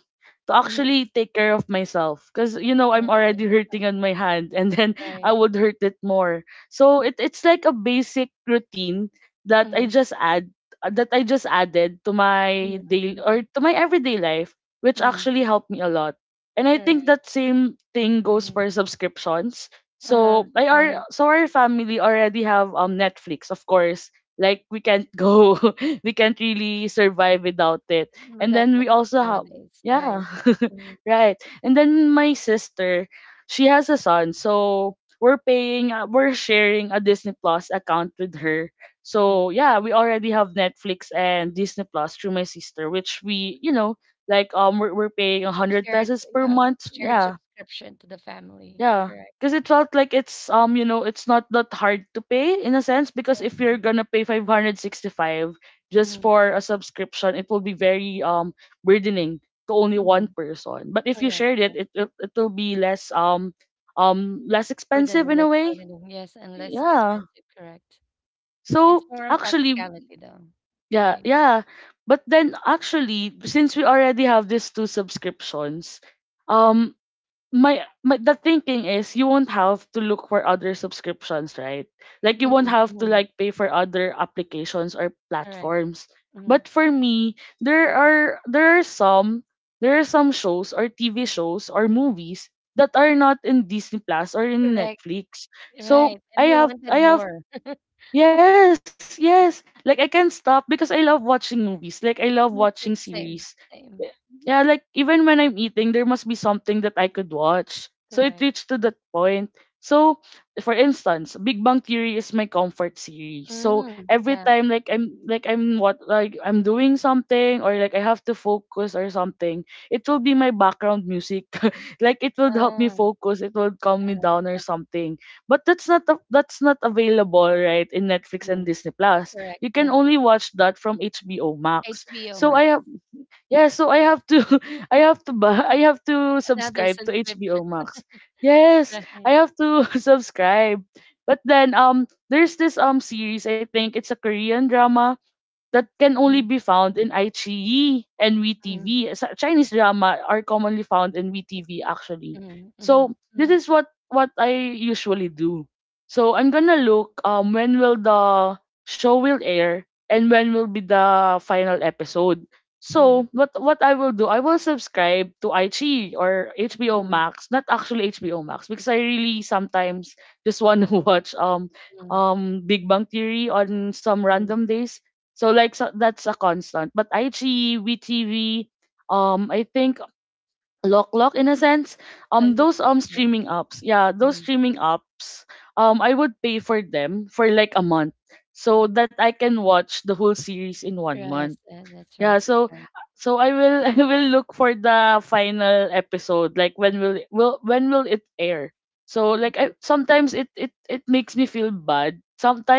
Speaker 2: to
Speaker 1: Mhm.
Speaker 2: actually take care of myself, cuz I'm
Speaker 1: Okay.
Speaker 2: already hurting on my hand and then
Speaker 1: Right.
Speaker 2: I would hurt it more. So it's like a basic routine that
Speaker 1: Mhm.
Speaker 2: I just add that I just added to
Speaker 1: Mhm.
Speaker 2: my daily
Speaker 1: Mhm.
Speaker 2: or to my everyday life, which
Speaker 1: Mhm.
Speaker 2: actually helped me a lot. And I
Speaker 1: Correct.
Speaker 2: think that same thing goes
Speaker 1: Mhm.
Speaker 2: for subscriptions.
Speaker 1: Uh-huh.
Speaker 2: so I
Speaker 1: Right.
Speaker 2: are so our family already have Netflix, of course. Like we can't go, we can't really survive without it. And
Speaker 1: Without
Speaker 2: then we
Speaker 1: Netflix
Speaker 2: also have,
Speaker 1: nowadays. Right.
Speaker 2: yeah,
Speaker 1: Mhm.
Speaker 2: right. And then my sister, she has a son, so we're sharing a Disney Plus account with her.
Speaker 1: Mhm.
Speaker 2: So yeah, we already have Netflix and Disney Plus through my sister, which we like we're paying 100
Speaker 1: Shared,
Speaker 2: pesos per
Speaker 1: yeah,
Speaker 2: month.
Speaker 1: shared
Speaker 2: Yeah,
Speaker 1: subscription to the family.
Speaker 2: yeah,
Speaker 1: Correct.
Speaker 2: because it felt like it's it's not that hard to pay in a sense.
Speaker 1: Right.
Speaker 2: Because if
Speaker 1: Mm-hmm.
Speaker 2: you're gonna pay 565 just
Speaker 1: Mm-hmm.
Speaker 2: for a subscription, it will be very burdening to only
Speaker 1: Mm-hmm.
Speaker 2: one person. But if you
Speaker 1: Correct.
Speaker 2: shared it,
Speaker 1: Correct.
Speaker 2: it will be less less expensive
Speaker 1: Burdening,
Speaker 2: in
Speaker 1: less
Speaker 2: a way.
Speaker 1: burdening. Yes, and less
Speaker 2: Yeah.
Speaker 1: expensive. Correct. It's
Speaker 2: So
Speaker 1: more on
Speaker 2: actually,
Speaker 1: practicality though.
Speaker 2: yeah,
Speaker 1: Right.
Speaker 2: yeah. But then actually, since we already have these two subscriptions, um my, my the thinking is you won't have to look for other subscriptions, right? Like you
Speaker 1: Mm-hmm.
Speaker 2: won't have to
Speaker 1: Mm-hmm.
Speaker 2: like pay for other applications or
Speaker 1: Correct.
Speaker 2: platforms.
Speaker 1: Mm-hmm.
Speaker 2: But for me, there are there are some there are some shows or TV shows or movies that are not in Disney Plus or in
Speaker 1: Correct.
Speaker 2: Netflix.
Speaker 1: Right.
Speaker 2: So
Speaker 1: And
Speaker 2: I
Speaker 1: you
Speaker 2: have,
Speaker 1: wanted
Speaker 2: I have.
Speaker 1: more.
Speaker 2: Yes, yes. Like I can't stop because I love watching movies. Like I love
Speaker 1: Me
Speaker 2: watching
Speaker 1: too.
Speaker 2: series.
Speaker 1: Same.
Speaker 2: Y-
Speaker 1: Same.
Speaker 2: Yeah, like even when I'm eating, there must be something that I could watch. So it
Speaker 1: Correct.
Speaker 2: reached to that point. So, for instance, Big Bang Theory is my comfort series. So
Speaker 1: Mm,
Speaker 2: every
Speaker 1: yeah.
Speaker 2: time, like I'm doing something, or like I have to focus or something, it will be my background music. Like it will help
Speaker 1: Ah,
Speaker 2: me focus. It will
Speaker 1: uh
Speaker 2: calm me down or
Speaker 1: uh,
Speaker 2: something. But that's not available right in Netflix and
Speaker 1: mm,
Speaker 2: Disney Plus.
Speaker 1: correct.
Speaker 2: You
Speaker 1: Yes,
Speaker 2: can
Speaker 1: yes.
Speaker 2: only watch that from HBO Max.
Speaker 1: HBO
Speaker 2: So
Speaker 1: Max.
Speaker 2: I have, yeah, so I have to I have to buy, I have to
Speaker 1: Another
Speaker 2: subscribe to
Speaker 1: subscription,
Speaker 2: HBO Max.
Speaker 1: right?
Speaker 2: Yes, I have to subscribe. But then there's this series, I think it's a Korean drama that can only
Speaker 1: Mm,
Speaker 2: be found in iQIYI and
Speaker 1: mm,
Speaker 2: WeTV. Chinese drama are commonly found in WeTV actually.
Speaker 1: mm, mm,
Speaker 2: So this
Speaker 1: mm,
Speaker 2: is what I usually do. So I'm gonna look when will the show will air, and when will be the final episode.
Speaker 1: mm,
Speaker 2: So what I will do, I will subscribe to iQIYI or HBO
Speaker 1: mm,
Speaker 2: Max, not actually HBO Max because I really sometimes just want to watch
Speaker 1: mm,
Speaker 2: Big Bang Theory on some
Speaker 1: mm.
Speaker 2: random days, so that's a constant. But IG, VTV, I think Lock Lock in a sense,
Speaker 1: I look
Speaker 2: those
Speaker 1: up, yeah.
Speaker 2: streaming apps, yeah, those
Speaker 1: Mm.
Speaker 2: streaming apps, I would pay for them for like a month so that I can watch the whole series in one
Speaker 1: Yes,
Speaker 2: month.
Speaker 1: that's right,
Speaker 2: Yeah,
Speaker 1: that's
Speaker 2: so
Speaker 1: right.
Speaker 2: I will I will look for the final episode. Like when will it air? So like,
Speaker 1: Mm,
Speaker 2: I sometimes, it makes me feel bad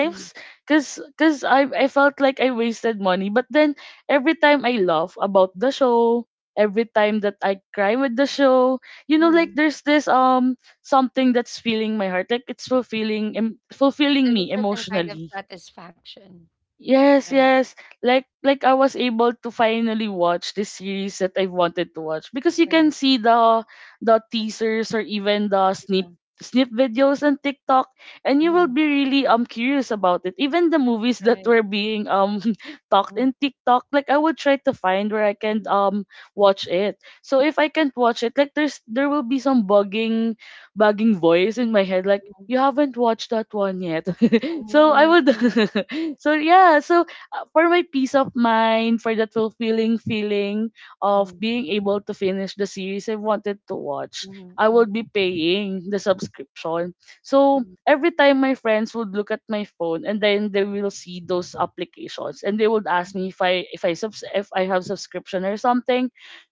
Speaker 1: mm,
Speaker 2: Cuz I felt like I wasted money. But then every time I laugh about the show, every time that I cry with the show, like
Speaker 1: mm.
Speaker 2: there's this something that's filling my heart. Like it's fulfilling
Speaker 1: There's a
Speaker 2: me
Speaker 1: certain kind of
Speaker 2: emotionally.
Speaker 1: satisfaction,
Speaker 2: Yes,
Speaker 1: right?
Speaker 2: yes. Like I was able to finally watch the series that I wanted to watch, because you can
Speaker 1: Right.
Speaker 2: see the teasers or even the
Speaker 1: Yeah.
Speaker 2: snip videos on TikTok, and you will
Speaker 1: Mm,
Speaker 2: be really curious about it. Even the movies that
Speaker 1: right.
Speaker 2: were being talked
Speaker 1: Mm,
Speaker 2: in TikTok, like I will try to find where I can
Speaker 1: mm,
Speaker 2: watch it. So if I can't watch it, like there will be some bugging voice in my head like,
Speaker 1: mm,
Speaker 2: you haven't watched that one yet. So I
Speaker 1: mm,
Speaker 2: would
Speaker 1: mm,
Speaker 2: so, yeah, so for my peace of mind, for that fulfilling feeling of
Speaker 1: mm,
Speaker 2: being able to finish the series I wanted to watch,
Speaker 1: mm, mm,
Speaker 2: I would be
Speaker 1: mm,
Speaker 2: paying the subscription. So
Speaker 1: mm,
Speaker 2: every time my friends would look at my phone and then they will see those applications, and they would ask
Speaker 1: mm.
Speaker 2: me if I have subscription or something.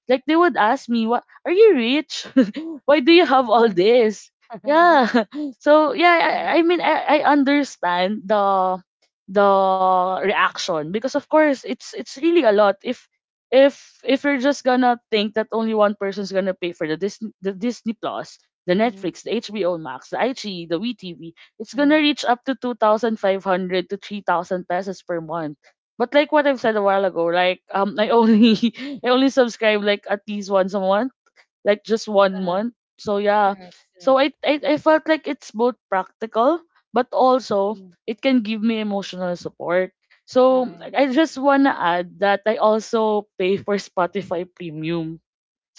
Speaker 2: Like they would ask me, what, are you rich? Why do you have all this? Yeah, so yeah.
Speaker 1: Yeah.
Speaker 2: I mean, I understand the reaction because of course it's really a lot if you're just gonna think that only one person's gonna pay for the Disney Plus, the
Speaker 1: Mhm,
Speaker 2: Netflix, the HBO Max, the IG, the WeTV. It's gonna
Speaker 1: mhm,
Speaker 2: reach up to 2500 to 3000 pesos per month. But like what I've said a while ago, like I
Speaker 1: mhm,
Speaker 2: only I only subscribe like at least once a month, like just one
Speaker 1: uh-huh,
Speaker 2: month. So yeah.
Speaker 1: correct,
Speaker 2: So I,
Speaker 1: correct.
Speaker 2: I I felt like it's both practical, but also
Speaker 1: Mm,
Speaker 2: it can give me emotional support. So
Speaker 1: right.
Speaker 2: I just wanna add that I also pay for Spotify premium.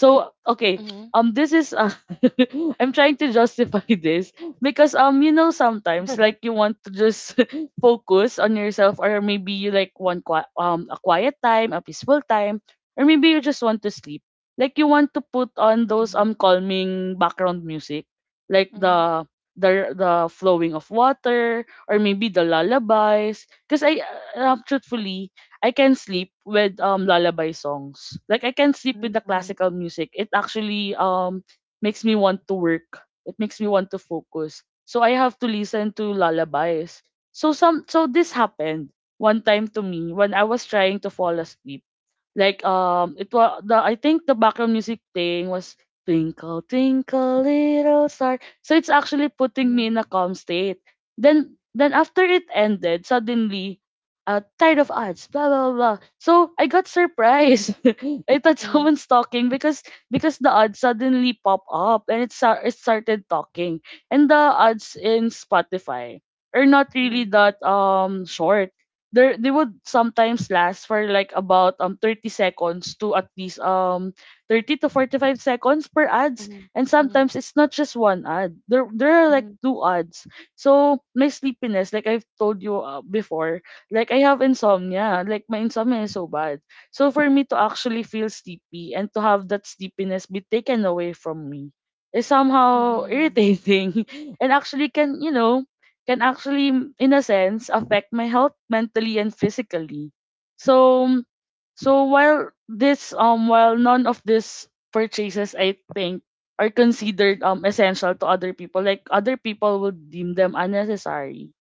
Speaker 2: So okay,
Speaker 1: Mhm.
Speaker 2: this is I'm trying to justify this because sometimes like you want to just focus on yourself, or maybe you like want a quiet time, a peaceful time, or maybe you just want to sleep. Like you want to put on those
Speaker 1: Mhm,
Speaker 2: calming background music, like
Speaker 1: mhm,
Speaker 2: the flowing of water, or maybe the lullabies. Because I truthfully, I can sleep with lullaby songs. Like I can sleep with the
Speaker 1: mhm,
Speaker 2: classical music. It actually makes me want to work. It makes me want to focus. So I have to listen to lullabies. So some so this happened one time to me when I was trying to fall asleep. Like it was the, I think, the background music thing was Twinkle Twinkle Little Star. So it's actually putting me
Speaker 1: mhm,
Speaker 2: in a calm state. Then after it ended, suddenly, tired of ads, blah blah blah. So I got surprised. I thought
Speaker 1: mhm,
Speaker 2: someone's talking because the ads suddenly pop up, and it started talking. And the ads in Spotify are not really
Speaker 1: mhm,
Speaker 2: that short. They would sometimes last for like about 30 seconds, to at least 30 to 45 seconds per ads,
Speaker 1: mhm,
Speaker 2: and sometimes it's not just one ad, there are like
Speaker 1: mhm,
Speaker 2: two ads. So my sleepiness, like I've told you before, like I have insomnia, like my insomnia is so bad. So for me to actually feel sleepy and to have that sleepiness be taken away from me is
Speaker 1: mhm,
Speaker 2: somehow
Speaker 1: mhm,
Speaker 2: irritating and actually can, can actually, in a sense, affect my health mentally and physically. So, so, while while none of these purchases, I think, are considered essential to other people, like other people will deem them unnecessary.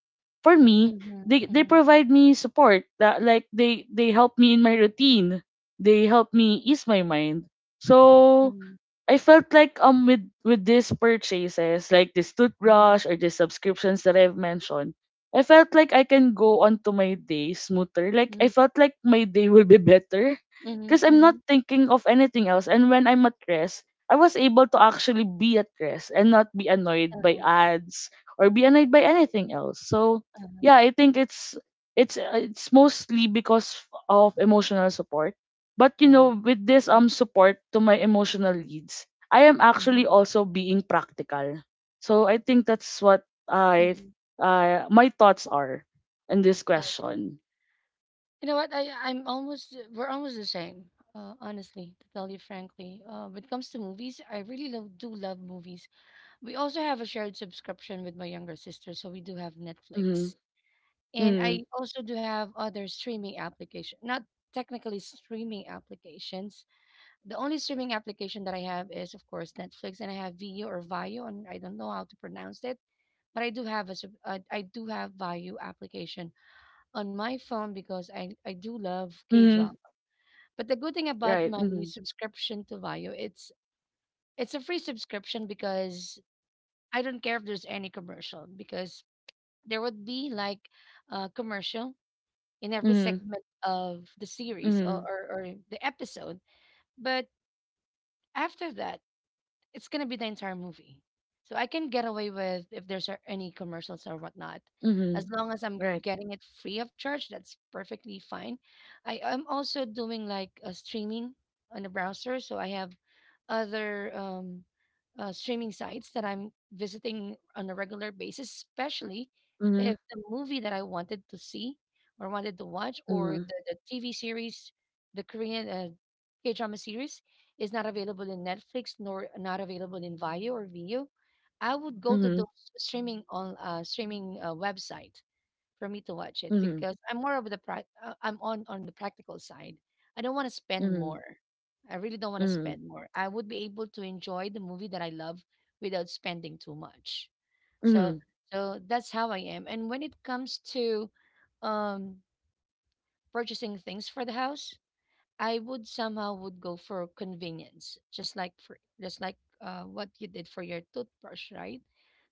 Speaker 2: For me, they
Speaker 1: mhm,
Speaker 2: provide me support that, like, they help me in my routine. They help me ease my mind. So
Speaker 1: mhm,
Speaker 2: I felt like with these purchases, like this
Speaker 1: mhm, mhm,
Speaker 2: toothbrush or the subscriptions that I've mentioned, I felt like I can go on to my day smoother. Like I
Speaker 1: mhm,
Speaker 2: felt like my day will be better because
Speaker 1: mhm, mhm,
Speaker 2: I'm not
Speaker 1: mhm,
Speaker 2: thinking of anything else. And when I'm at rest, I was able to actually be at rest and not be annoyed by
Speaker 1: uh-huh,
Speaker 2: ads or be annoyed by anything else. So
Speaker 1: uh-huh,
Speaker 2: yeah, I think it's mostly because of emotional support. But
Speaker 1: right.
Speaker 2: with this
Speaker 1: Mhm,
Speaker 2: support to my emotional needs, I am actually
Speaker 1: mhm,
Speaker 2: also being practical. So I think that's what I
Speaker 1: mhm,
Speaker 2: my thoughts are in this
Speaker 1: okay.
Speaker 2: question.
Speaker 1: You know what? I I'm almost We're almost the same. Honestly, to tell you frankly, when it comes to movies, I really do love movies. We also have a shared subscription with my younger sister, so we do have
Speaker 2: Mm-hmm.
Speaker 1: Netflix. And
Speaker 2: Mm-hmm.
Speaker 1: I also do have other streaming application, not technically streaming applications. The only streaming application that I have is, of course, Netflix, and I have Vio or Vio, and I don't know how to pronounce it, but I do have I do have Vio application on my phone because I do love
Speaker 2: Mm-hmm.
Speaker 1: K-drama. But the good thing about
Speaker 2: Right.
Speaker 1: my
Speaker 2: Mm-hmm.
Speaker 1: subscription to Vio, it's a free subscription because I don't care if there's any commercial because there would be like a commercial in every
Speaker 2: Mm-hmm.
Speaker 1: segment of the series, or,
Speaker 2: Mm-hmm.
Speaker 1: or, or the episode. But after that, it's gonna be the entire movie. So I can get away with if there's any commercials or whatnot.
Speaker 2: Mm-hmm.
Speaker 1: As long as I'm
Speaker 2: Right.
Speaker 1: getting it free of charge, that's perfectly fine. I am also doing like a streaming on the browser, so I have other streaming sites that I'm visiting on a regular basis, especially
Speaker 2: Mm-hmm.
Speaker 1: if the movie that I wanted to see or wanted to watch or
Speaker 2: Mm-hmm.
Speaker 1: the TV series, the Korean K drama series is not available in Netflix nor not available in Vio or Vio, I would go to
Speaker 2: Mm-hmm.
Speaker 1: those streaming on streaming website for me to watch it
Speaker 2: Mm-hmm.
Speaker 1: because I'm more of the prac I'm on the practical side. I don't want to spend
Speaker 2: Mm-hmm.
Speaker 1: more. I really don't want to
Speaker 2: Mm-hmm.
Speaker 1: spend more. I would be able to enjoy the movie that I love without spending too much. So
Speaker 2: Mm-hmm.
Speaker 1: so that's how I am. And when it comes to um, purchasing things for the house, I would somehow would go for convenience, just like what you did for your toothbrush, right?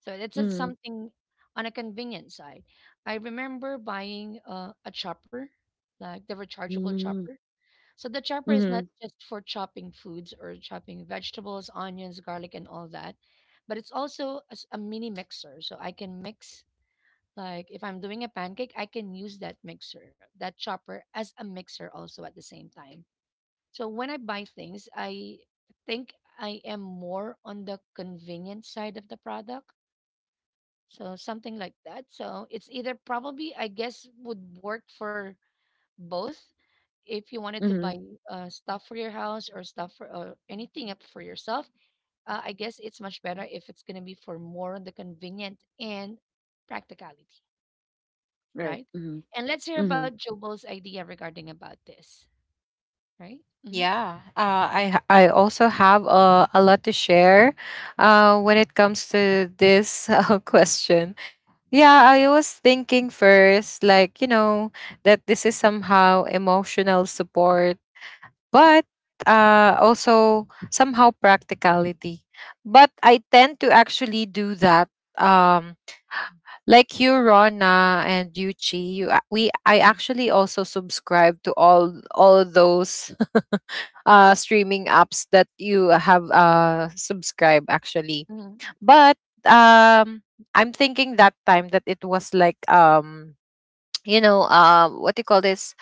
Speaker 1: So that's
Speaker 2: Mm-hmm.
Speaker 1: something on a convenience side. I remember buying a chopper, like the rechargeable
Speaker 2: Mm-hmm.
Speaker 1: chopper. So the chopper is
Speaker 2: Mm-hmm.
Speaker 1: not just for chopping foods or chopping vegetables, onions, garlic, and all that, but it's also a mini mixer. So I can mix. Like if I'm doing a pancake, I can use that mixer, that chopper as a mixer also at the same time. So when I buy things, I think I am more on the convenient side of the product. So something like that. So it's either probably, I guess, would work for both. If you wanted to
Speaker 2: Mm-hmm.
Speaker 1: buy stuff for your house or stuff for or anything up for yourself, I guess it's much better if it's going to be for more on the convenient and practicality,
Speaker 2: Right.
Speaker 1: right?
Speaker 2: Mm-hmm.
Speaker 1: And let's hear
Speaker 2: Mm-hmm.
Speaker 1: about Jobo's idea regarding about this, right?
Speaker 3: yeah. I also have a lot to share when it comes to this question. Yeah, I was thinking first, like, you know, that this is somehow emotional support, but also somehow practicality. But I tend to actually do that. Um, like you, Rona, and you, Chi, I
Speaker 1: Mm-hmm.
Speaker 3: actually also subscribe to all those streaming apps that you have subscribed actually. But um, I'm thinking that time that it was like, you know, what do you call this?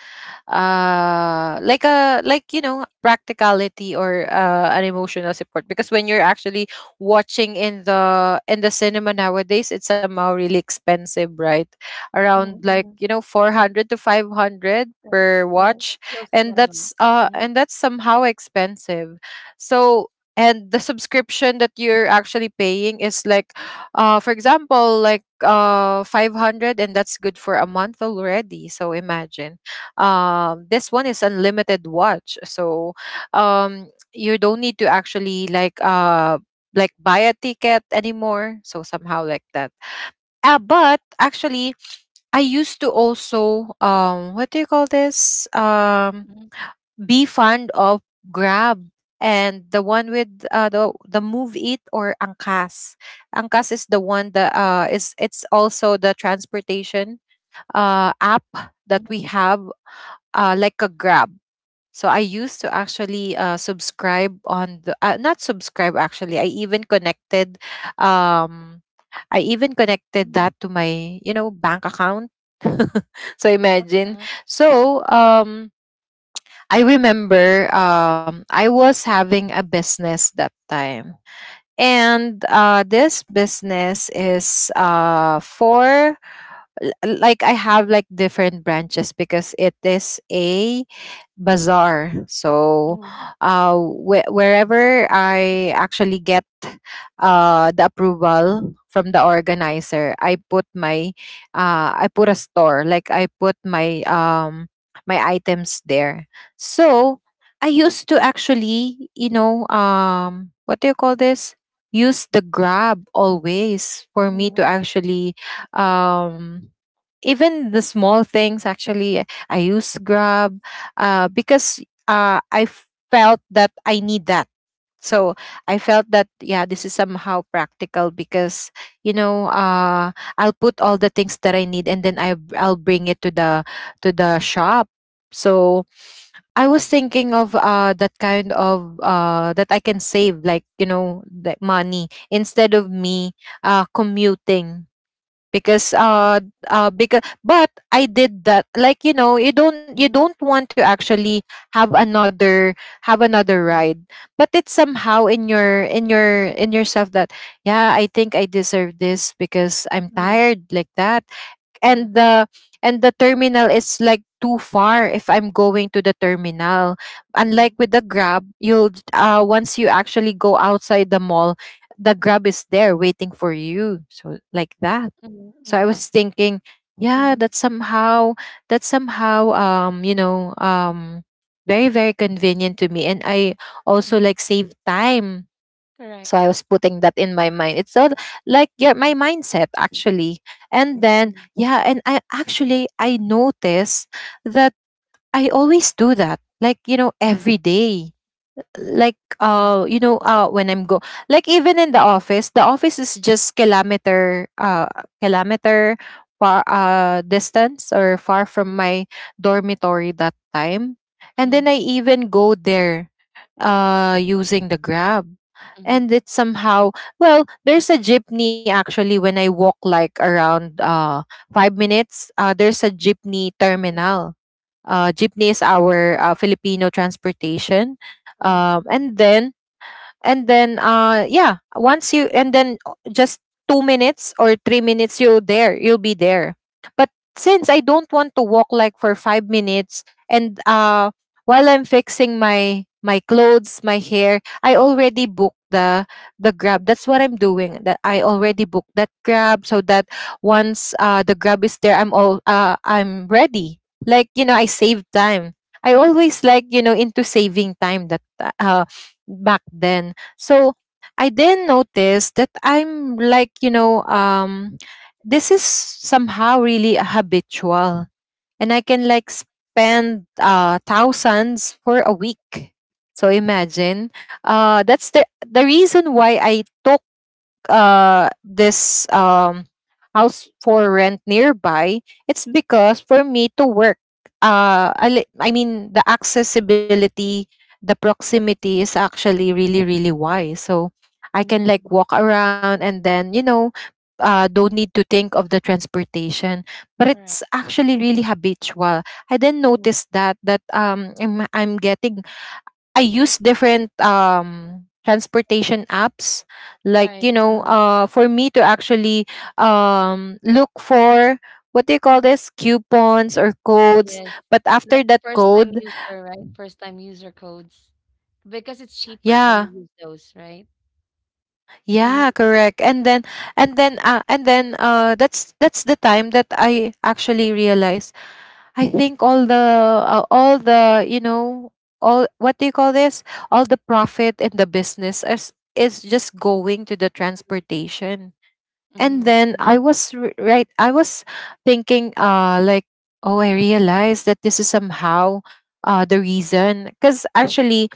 Speaker 3: Like a, like, you know, practicality, or an emotional support, because when you're actually watching in the cinema nowadays, it's somehow really expensive, right? Around, like, you know, 400 to 500
Speaker 1: Yes,
Speaker 3: per
Speaker 1: yes,
Speaker 3: watch.
Speaker 1: close to that amount. Mm,
Speaker 3: And that's somehow expensive. So, and the subscription that you're actually paying is like, for example, like 500, and that's good for a month already. So imagine, this one is unlimited watch. So, um you don't need to actually like buy a ticket anymore, so somehow like that. But actually, I used to also, what do you call this,
Speaker 1: mm,
Speaker 3: be fond of Grab, and the one with the Move It, or Angkas. Angkas is the one that is it's also the transportation app that
Speaker 1: mhm,
Speaker 3: we have, like a Grab. So I used to actually subscribe on the not subscribe actually. I even connected, um I even connected
Speaker 1: mhm,
Speaker 3: that to my, you know, bank account. So imagine.
Speaker 1: uh-huh,
Speaker 3: So I remember, I was having a business that time. And this business is for like, I have like different branches because it is a bazaar. So,
Speaker 1: mhm,
Speaker 3: wh- wherever I actually get the approval from the organizer, I put my I put a store, like I put my my items there. So I used to actually, you know, what do you call this, use the Grab always for me
Speaker 1: mhm,
Speaker 3: to actually, um even the small things, actually I use Grab, because I felt that I need that. So I felt that yeah, this is somehow practical because, you know, I'll put all the things that I need and then I'll bring it to the shop. So I was thinking of that kind of that I can save, like, you know, the money instead of me commuting, because because, but I did that, like, you know, you don't, you
Speaker 1: mhm,
Speaker 3: don't want to actually have another, have another
Speaker 1: mhm,
Speaker 3: ride, but it's somehow in your, in your, in yourself that yeah, I think I deserve this because I'm
Speaker 1: mhm, mhm,
Speaker 3: tired, like that.
Speaker 1: uh,
Speaker 3: And the, and the terminal is like too far if I'm going to the terminal.
Speaker 1: mhm,
Speaker 3: Unlike with the Grab, you'll, once you actually go outside the mall, the Grab is there waiting for you, so like that.
Speaker 1: mhm,
Speaker 3: So I
Speaker 1: mhm,
Speaker 3: was thinking,
Speaker 1: mhm,
Speaker 3: yeah, that's somehow, you know, very, very convenient to me. And I also
Speaker 1: mhm.
Speaker 3: like save time.
Speaker 1: Correct.
Speaker 3: So I was putting that in my mind. It's all like yeah, my mindset actually. And then
Speaker 1: Mhm,
Speaker 3: yeah, and I actually, I notice that I always do that. Like, you know,
Speaker 1: mhm,
Speaker 3: every day, like
Speaker 1: mhm,
Speaker 3: you know, when I'm go like even in the office, the office is just kilometer, kilometer far distance, or far from
Speaker 1: mhm,
Speaker 3: my dormitory that time. And then
Speaker 1: mhm,
Speaker 3: I even go there using the Grab.
Speaker 1: mhm,
Speaker 3: And
Speaker 1: mhm,
Speaker 3: it's somehow, well, there's a jeepney actually. When I walk, like, around 5 minutes, there's a jeepney terminal. Jeepney is our Filipino transportation.
Speaker 1: mhm, mhm,
Speaker 3: And then, yeah, once you and then o- just 2 minutes or 3 minutes you'll, there, you'll be there. But since I don't want to walk like for 5 minutes, and while I'm fixing my, my clothes, my hair, I already booked the Grab. That's what I'm doing, that I already booked that Grab, so that
Speaker 1: mhm,
Speaker 3: once the Grab is there, I'm all I'm ready. Like, you know, I save time. I always like, you know, into saving time, that uh back then. So I then noticed that I'm like, you know, this is somehow really habitual. And I can like spend, thousands for a week. So imagine. That's the reason why I took this house for rent nearby. It's because for me to work, I mean the accessibility, the proximity is actually really, really wide. So I can like
Speaker 1: mhm.
Speaker 3: walk around and then, you know, don't need to think of the transportation. But
Speaker 1: Correct.
Speaker 3: it's actually really habitual. I then
Speaker 1: Mhm.
Speaker 3: noticed that, that I'm getting, I use different transportation apps, like,
Speaker 1: Right.
Speaker 3: you know, for me to actually look for, what do you call this, coupons or codes.
Speaker 1: Yes.
Speaker 3: But after
Speaker 1: Like
Speaker 3: that
Speaker 1: first time
Speaker 3: code,
Speaker 1: user, right? First time user codes. Because it's cheaper when
Speaker 3: yeah,
Speaker 1: you use those, right? Mm-hmm,
Speaker 3: yeah, correct. And then, and then that's the time that I actually realized, I think all the, all the, you know, all, what do you call this, all the profit in the business is just going to the
Speaker 1: mm-hmm,
Speaker 3: transportation. And then I
Speaker 1: mm-hmm,
Speaker 3: was right. I was thinking, like, oh, I realized that this is somehow the reason, because actually,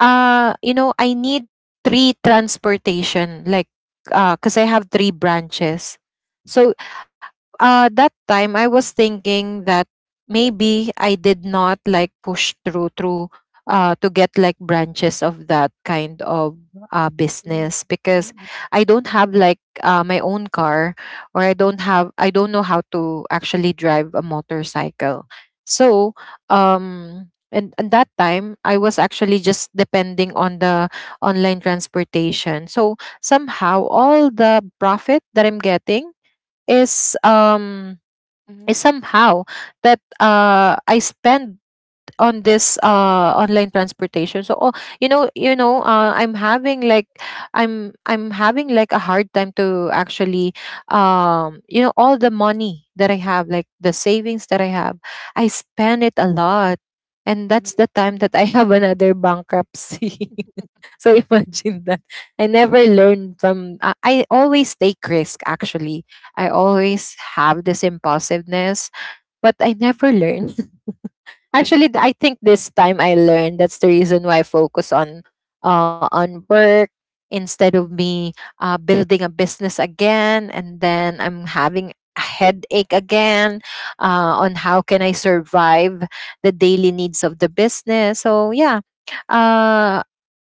Speaker 3: you know, I need three transportation, like, because I have three branches. So that time I was thinking that maybe I did not like push through to get like branches of that kind of
Speaker 1: mm-hmm,
Speaker 3: business because I don't have like my own car, or I don't have, I don't know how to actually drive a motorcycle. So and that time I was actually just depending on the online transportation. So somehow all the profit that I'm getting is um
Speaker 1: mm-hmm.
Speaker 3: is somehow that I spend on this online transportation. So oh, you know, I'm having like, I'm having like a hard time to actually, you know, all the money that I have, like the savings that I have, I spend it a lot. And that's
Speaker 1: Mhm,
Speaker 3: the time
Speaker 1: mhm,
Speaker 3: that I have another bankruptcy. So imagine that.
Speaker 1: mhm.
Speaker 3: I never learned from, I always take risk actually. I always have this impulsiveness, but I never learn. Actually,
Speaker 1: Uh-huh,
Speaker 3: I think this time I learned. That's the reason why I focus on work, instead of me building a business again, and then I'm having a headache again on how can I survive the daily needs of the business. So yeah, uh,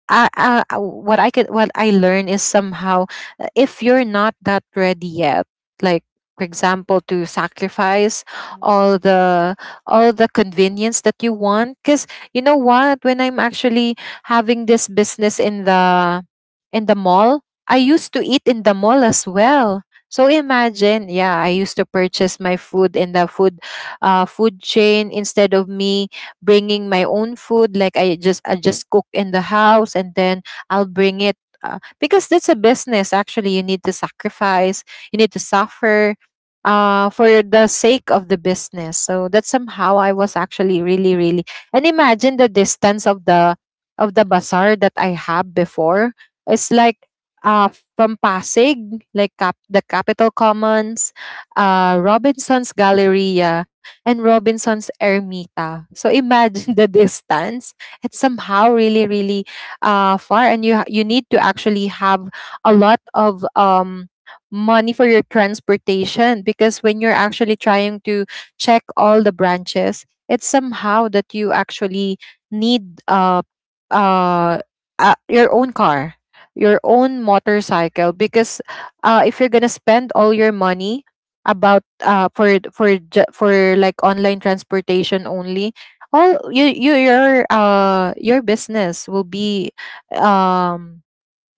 Speaker 3: what I could, what I learned is somehow if you're not that ready yet, like for example, to sacrifice
Speaker 1: mhm, mhm,
Speaker 3: all the, all the convenience that you want, because you know what, when I'm actually having this business in the, in the mall, I used to eat in the mall as well. So imagine, yeah, I used to purchase my food in the food food chain instead of me bringing my own food, like I just cook in the house and then I'll bring it, because that's a business. Actually, you need to sacrifice, you need to suffer for the sake of the business. So that's somehow I was actually really, really... and imagine the distance of the bazaar that I have before. It's like, uh, from Pasig, like the Capitol Commons, Robinson's Gallery, and Robinson's Ermita. So imagine the distance. It's somehow really, really far, and you need to actually have a lot of money for your transportation, because when you're actually trying to check all the branches, it's somehow that you actually need uh, your own car, your own motorcycle, because if you're gonna spend all your money about for for like online transportation only, all your business will be um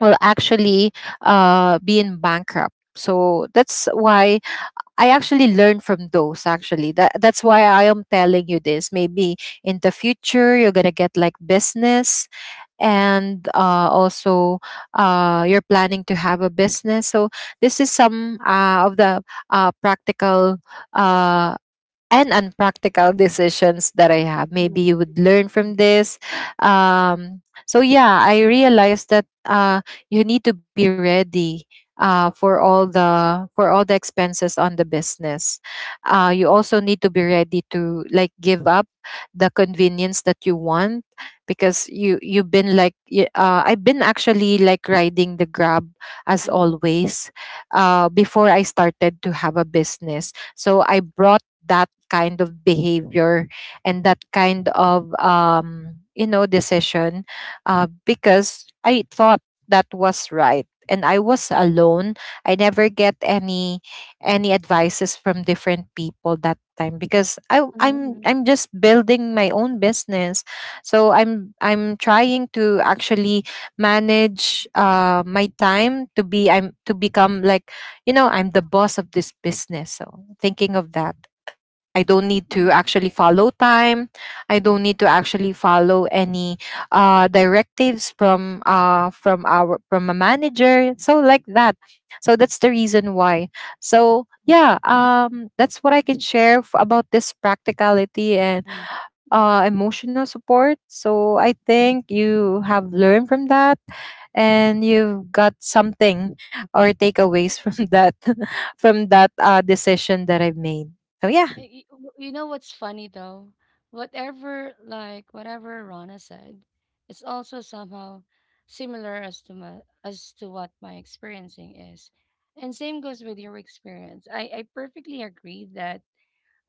Speaker 3: will actually be in bankrupt. So that's why I actually learned from those actually, that that's why I am telling you this. Maybe in the future you're gonna get like business, and also, you're planning to have a business. So this is some of the practical uh, and unpractical decisions that I have. Maybe
Speaker 1: mhm,
Speaker 3: you would learn from this. Um, so yeah, I realized that you need to be ready for all the expenses on the business. You also need to be ready to like give up the convenience that you want, because you you've been like y- I've been actually like riding the grab as
Speaker 1: mhm,
Speaker 3: always, before I started to have a business. So I brought that kind of behavior and that kind of you know decision, because I thought that was right and I was alone. I never get any advices from different people that time because I w-
Speaker 1: mhm,
Speaker 3: I'm just building my own business. So I'm trying to actually manage my time to be I'm to become like, you know, I'm the boss of this business. So thinking of that, I don't need to
Speaker 1: mhm,
Speaker 3: actually follow time. I don't need to actually follow any directives from our from a manager. So like that. So that's the reason why. So yeah,
Speaker 1: mhm,
Speaker 3: um, that's what I can share about this practicality and
Speaker 1: mhm, mhm,
Speaker 3: emotional support. So I think
Speaker 1: mhm.
Speaker 3: you have learned from that, and you've got something or takeaways from that from that decision that I've made. So yeah.
Speaker 1: You know what's funny though? Whatever Rana said, it's also somehow similar as to as to what my experiencing is, and same goes with your experience. I perfectly agree that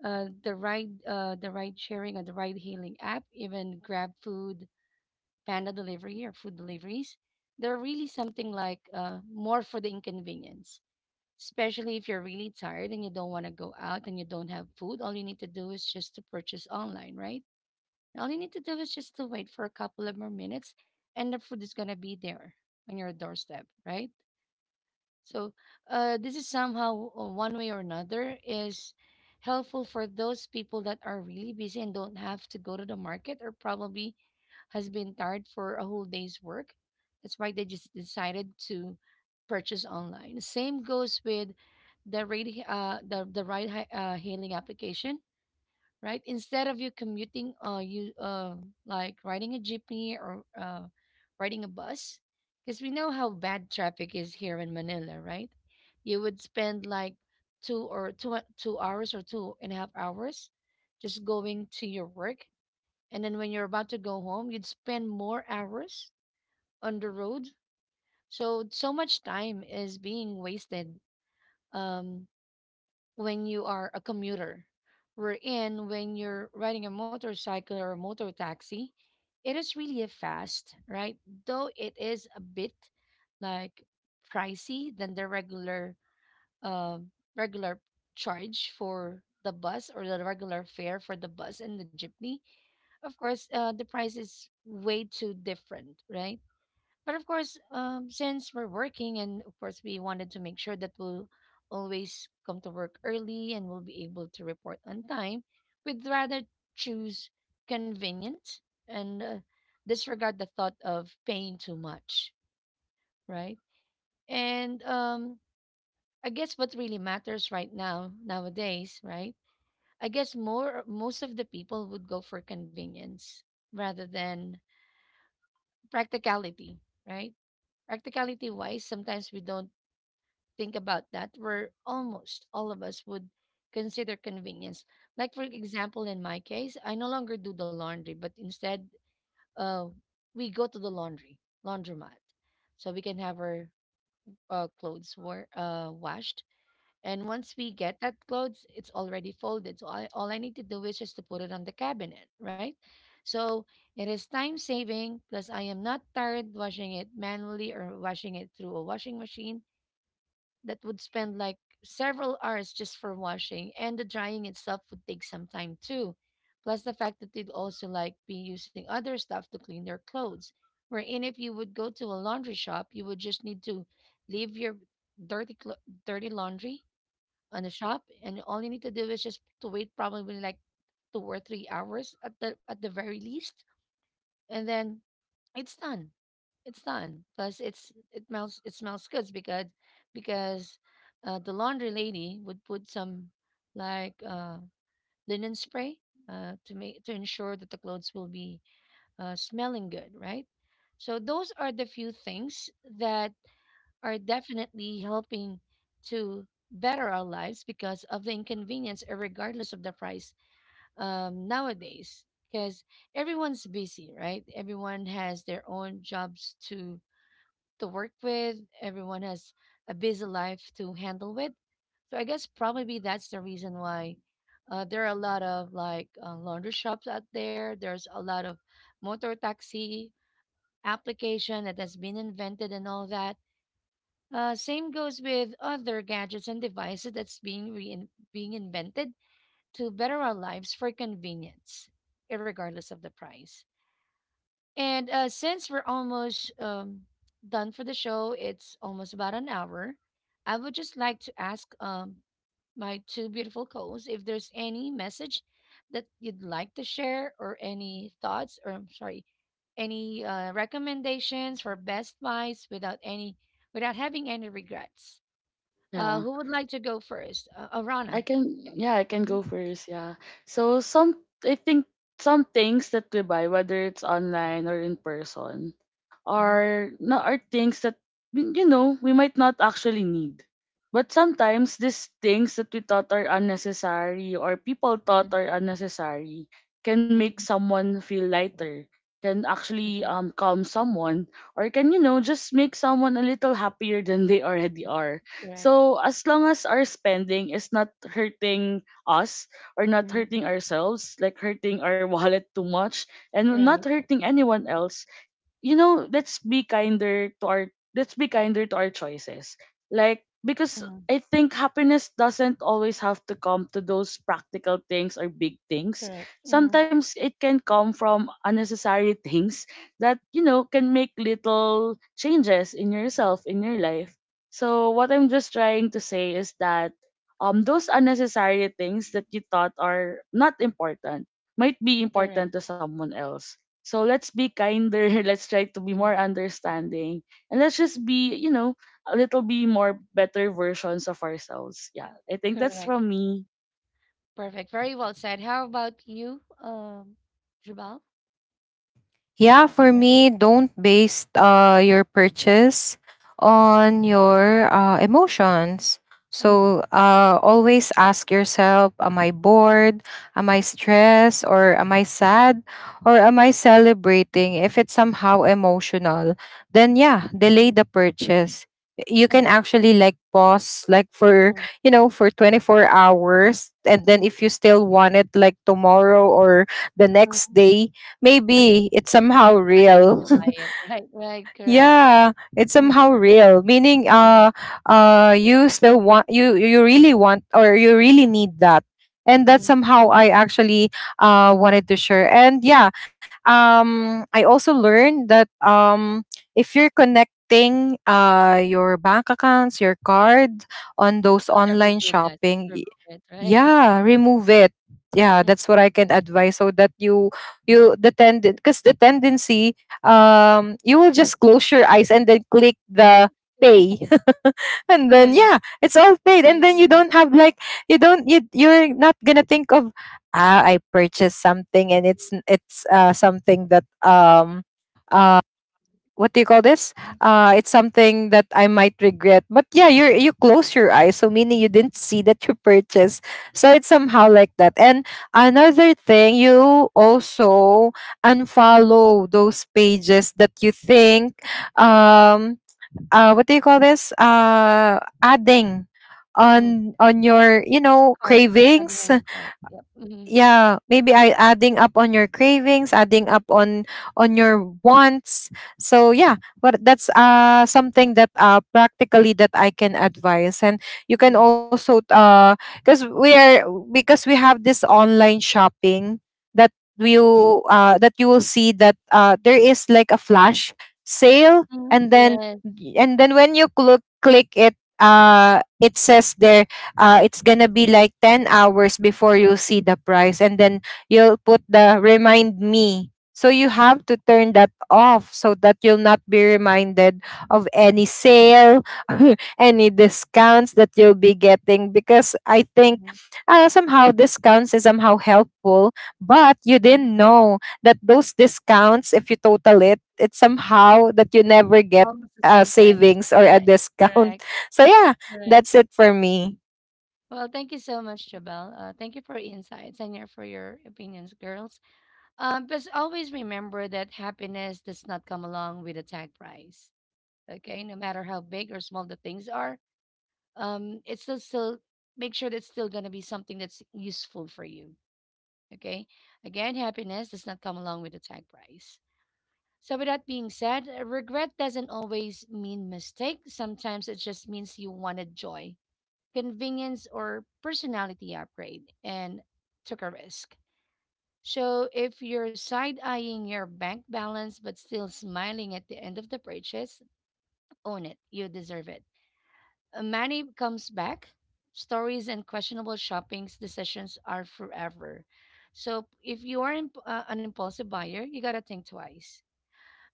Speaker 1: the ride sharing or the ride hailing app, even Grab Food, panda delivery or food deliveries, they're really something like more for the inconvenience. Especially if you're really tired and you don't want to go out and you don't have food, all you need to do is just to purchase online, right? All you need to do is just to wait for a couple of more minutes and the food is going to be there on your doorstep, right? So, this is somehow one way or another is helpful for those people that are really busy and don't have to go to the market or probably has been tired for a whole day's work. That's why they just decided to purchase online. Same goes with the ride hailing application, right? Instead of you commuting, you like riding a jeepney or riding a bus, because we know how bad traffic is here in Manila, right? You would spend like two or two two hours or 2.5 hours just going to your work, and then when you're about to go home, you'd spend more hours on the road. So much time is being wasted um when you are a commuter. We in When you're riding a motorcycle or a motor taxi, it is really a fast, right? Though it is a bit like pricey than the um regular charge for the bus or the regular fare for the bus and the jeepney. Of course, the price is way too different, right? But of course, since we're working, and of course, we wanted to make sure that we'll always come to work early and we'll be able to report on time, we'd rather choose convenient and disregard the thought of paying too much, right? And I guess what really matters right now, nowadays, right? I guess more most of the people would go for convenience rather than practicality, right? Practicality wise, sometimes we don't think about that. Where almost all of us would consider convenience. Like for example, in my case, I no longer do the laundry, but instead, uh, we go to the laundry laundromat, so we can have our clothes were washed, and once we get that clothes, it's already folded. So all I need to do is just to put it on the cabinet, right? So it is time saving. Plus, I am not tired washing it manually or washing it through a washing machine that would spend like several hours just for washing. And the drying itself would take some time too. Plus, the fact that they'd also like be using other stuff to clean their clothes. Wherein, if you would go to a laundry shop, you would just need to leave your dirty, clo- dirty laundry on the shop, and all you need to do is just to wait probably like 2 or 3 hours at the very least, and then it's done. It's done. Plus, it smells good because the laundry lady would put some like linen spray to make to ensure that the clothes will be smelling good, right? So those are the few things that are definitely helping to better our lives because of the inconvenience, regardless of the price nowadays. Because everyone's busy, right? Everyone has their own jobs to work with. Everyone has a busy life to handle with. So I guess probably that's the reason why there are a lot of like laundry shops out there. There's a lot of motor taxi application that has been invented and all that, same goes with other gadgets and devices that's being rein being invented to better our lives for convenience, irregardless of the price. And Since we're almost done for the show, it's almost about an hour. I would just like to ask my two beautiful co-hosts if there's any message that you'd like to share, or any thoughts, or I'm sorry, any recommendations for best buys without any without having any regrets.
Speaker 2: Yeah.
Speaker 1: Who would like to go first?
Speaker 2: I
Speaker 1: Arana.
Speaker 2: can,
Speaker 1: Okay.
Speaker 2: yeah, I can
Speaker 1: Mm-hmm.
Speaker 2: go first, yeah. So some I think, some things that we buy, whether it's online or in person,
Speaker 1: Mm-hmm.
Speaker 2: are not, are things that we might not actually need. But sometimes these things that we thought are unnecessary, or people thought are unnecessary, can make
Speaker 1: Mm-hmm.
Speaker 2: someone feel lighter, can actually
Speaker 1: Mm-hmm.
Speaker 2: calm someone, or can just make someone a little happier than they already are.
Speaker 1: Correct.
Speaker 2: So as long as our spending is not hurting us, or not
Speaker 1: Mm-hmm.
Speaker 2: hurting ourselves, like hurting our wallet too much, and not
Speaker 1: Right.
Speaker 2: hurting anyone else, let's be kinder to our let's be kinder to our choices. Like, because
Speaker 1: Mm-hmm.
Speaker 2: I think happiness doesn't always have to come to those practical things or big things.
Speaker 1: Correct. Mm-hmm.
Speaker 2: Sometimes it can come from unnecessary things that, can make little changes in yourself, in your life. So what I'm just trying to say is that those unnecessary things that you thought are not important might be
Speaker 1: Correct.
Speaker 2: important to someone else. So let's be kinder. Let's try to be
Speaker 1: Mm-hmm.
Speaker 2: more understanding. And let's just be, a little bit more better versions of ourselves. Yeah. I think that's
Speaker 1: Correct.
Speaker 2: from me.
Speaker 1: Perfect. Very well said. How about you, Jabal?
Speaker 3: Yeah, for
Speaker 1: Right.
Speaker 3: me, don't base your purchase on your emotions.
Speaker 1: Mm-hmm.
Speaker 3: So always ask yourself, am I bored? Am I stressed? Or am I sad? Or am I celebrating? If it's somehow emotional, then yeah,
Speaker 1: Mm-hmm.
Speaker 3: delay the purchase. You can actually like pause like for, you know, for 24 hours. And
Speaker 1: Mm-hmm.
Speaker 3: then if you still want it like tomorrow or the next
Speaker 1: Hmm.
Speaker 3: day, maybe it's
Speaker 1: That's
Speaker 3: somehow
Speaker 1: the time you need
Speaker 3: real
Speaker 1: to buy it. Right. Right. Correct.
Speaker 3: yeah, it's
Speaker 1: Mm-hmm.
Speaker 3: somehow real, meaning
Speaker 1: Mm-hmm.
Speaker 3: you still want, you really want or you really need that. And
Speaker 1: Mm-hmm.
Speaker 3: that's somehow
Speaker 1: Mm-hmm.
Speaker 3: I actually wanted to share. And yeah, I also learned that, if you're connecting your bank accounts, your card, on those
Speaker 1: Don't ever
Speaker 3: online
Speaker 1: do that.
Speaker 3: shopping,
Speaker 1: Remove it. Right.
Speaker 3: yeah, remove it. Yeah,
Speaker 1: Mm.
Speaker 3: that's what I can advise, so that you the tend because the tendency, you will just close your eyes and then click the pay and then
Speaker 1: Correct.
Speaker 3: yeah, it's all paid,
Speaker 1: I
Speaker 3: and then you
Speaker 1: agree.
Speaker 3: don't have like, you don't you you're not gonna think of, ah, I purchased something, and it's it's something that uh, what do you call this?
Speaker 1: Yes.
Speaker 3: It's something that I might regret. But yeah, you are, you close your eyes, so meaning you didn't see that you purchased. So it's somehow like that. And another thing, you also unfollow those pages that you think, um, what do you call this? Adding
Speaker 1: Mm-hmm.
Speaker 3: on your you know
Speaker 1: Cart, depending on
Speaker 3: cravings,
Speaker 1: your cart, yep. Mhm.
Speaker 3: yeah maybe I adding up on your cravings, adding up on your wants. So yeah, but that's something that practically that I can advise. And you
Speaker 1: Mhm.
Speaker 3: can also because we are because we have this online shopping that that you will see that there is like a flash sale,
Speaker 1: Mhm. Yes.
Speaker 3: and then when you click it, it says there it's gonna be like 10 hours before you see the price, and then you'll put the remind me, so you have to turn that off so that you'll not be reminded of any sale any discounts that you'll be getting, because I think
Speaker 1: Mhm.
Speaker 3: somehow discounts is somehow helpful, but you
Speaker 1: Mhm.
Speaker 3: didn't know that those discounts, if you total it, it's somehow that you never get
Speaker 1: Almost the same price.
Speaker 3: savings or a
Speaker 1: Right,
Speaker 3: discount.
Speaker 1: correct,
Speaker 3: So yeah,
Speaker 1: correct.
Speaker 3: that's it for me.
Speaker 1: Well, thank you so much, Jabal, thank you for your insights and your for your opinions, girls. Just always remember that happiness does not come along with a tag price, okay? No matter how big or small the things are, it's still make sure that's still gonna be something that's useful for you, okay? Again, happiness does not come along with a tag price. So, with that being said, regret doesn't always mean mistake. Sometimes it just means you wanted joy, convenience, or personality upgrade and took a risk. So, if you're side eyeing your bank balance but still smiling at the end of the purchase, own it. You deserve it. Money comes back. Stories and questionable shopping decisions are forever. So, if you are an impulsive buyer, you got to think twice.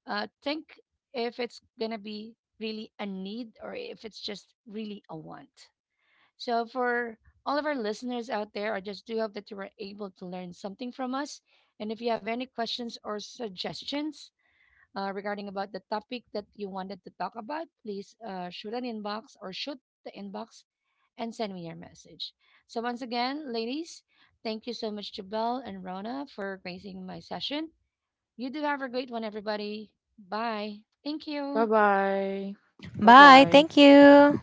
Speaker 1: Think if it's gonna be really a need or if it's just really a want. So for all of our listeners out there, I just do hope that you were able to learn something from us. And if you have any questions or suggestions regarding about the topic that you wanted to talk about, please shoot the inbox and send me your message. So once again, ladies, thank you so much to Belle and Rona for gracing my session. You do have a great one, everybody. Bye. Thank
Speaker 2: Bye
Speaker 1: you.
Speaker 2: bye. Bye
Speaker 3: Bye.
Speaker 2: bye.
Speaker 3: Thank you.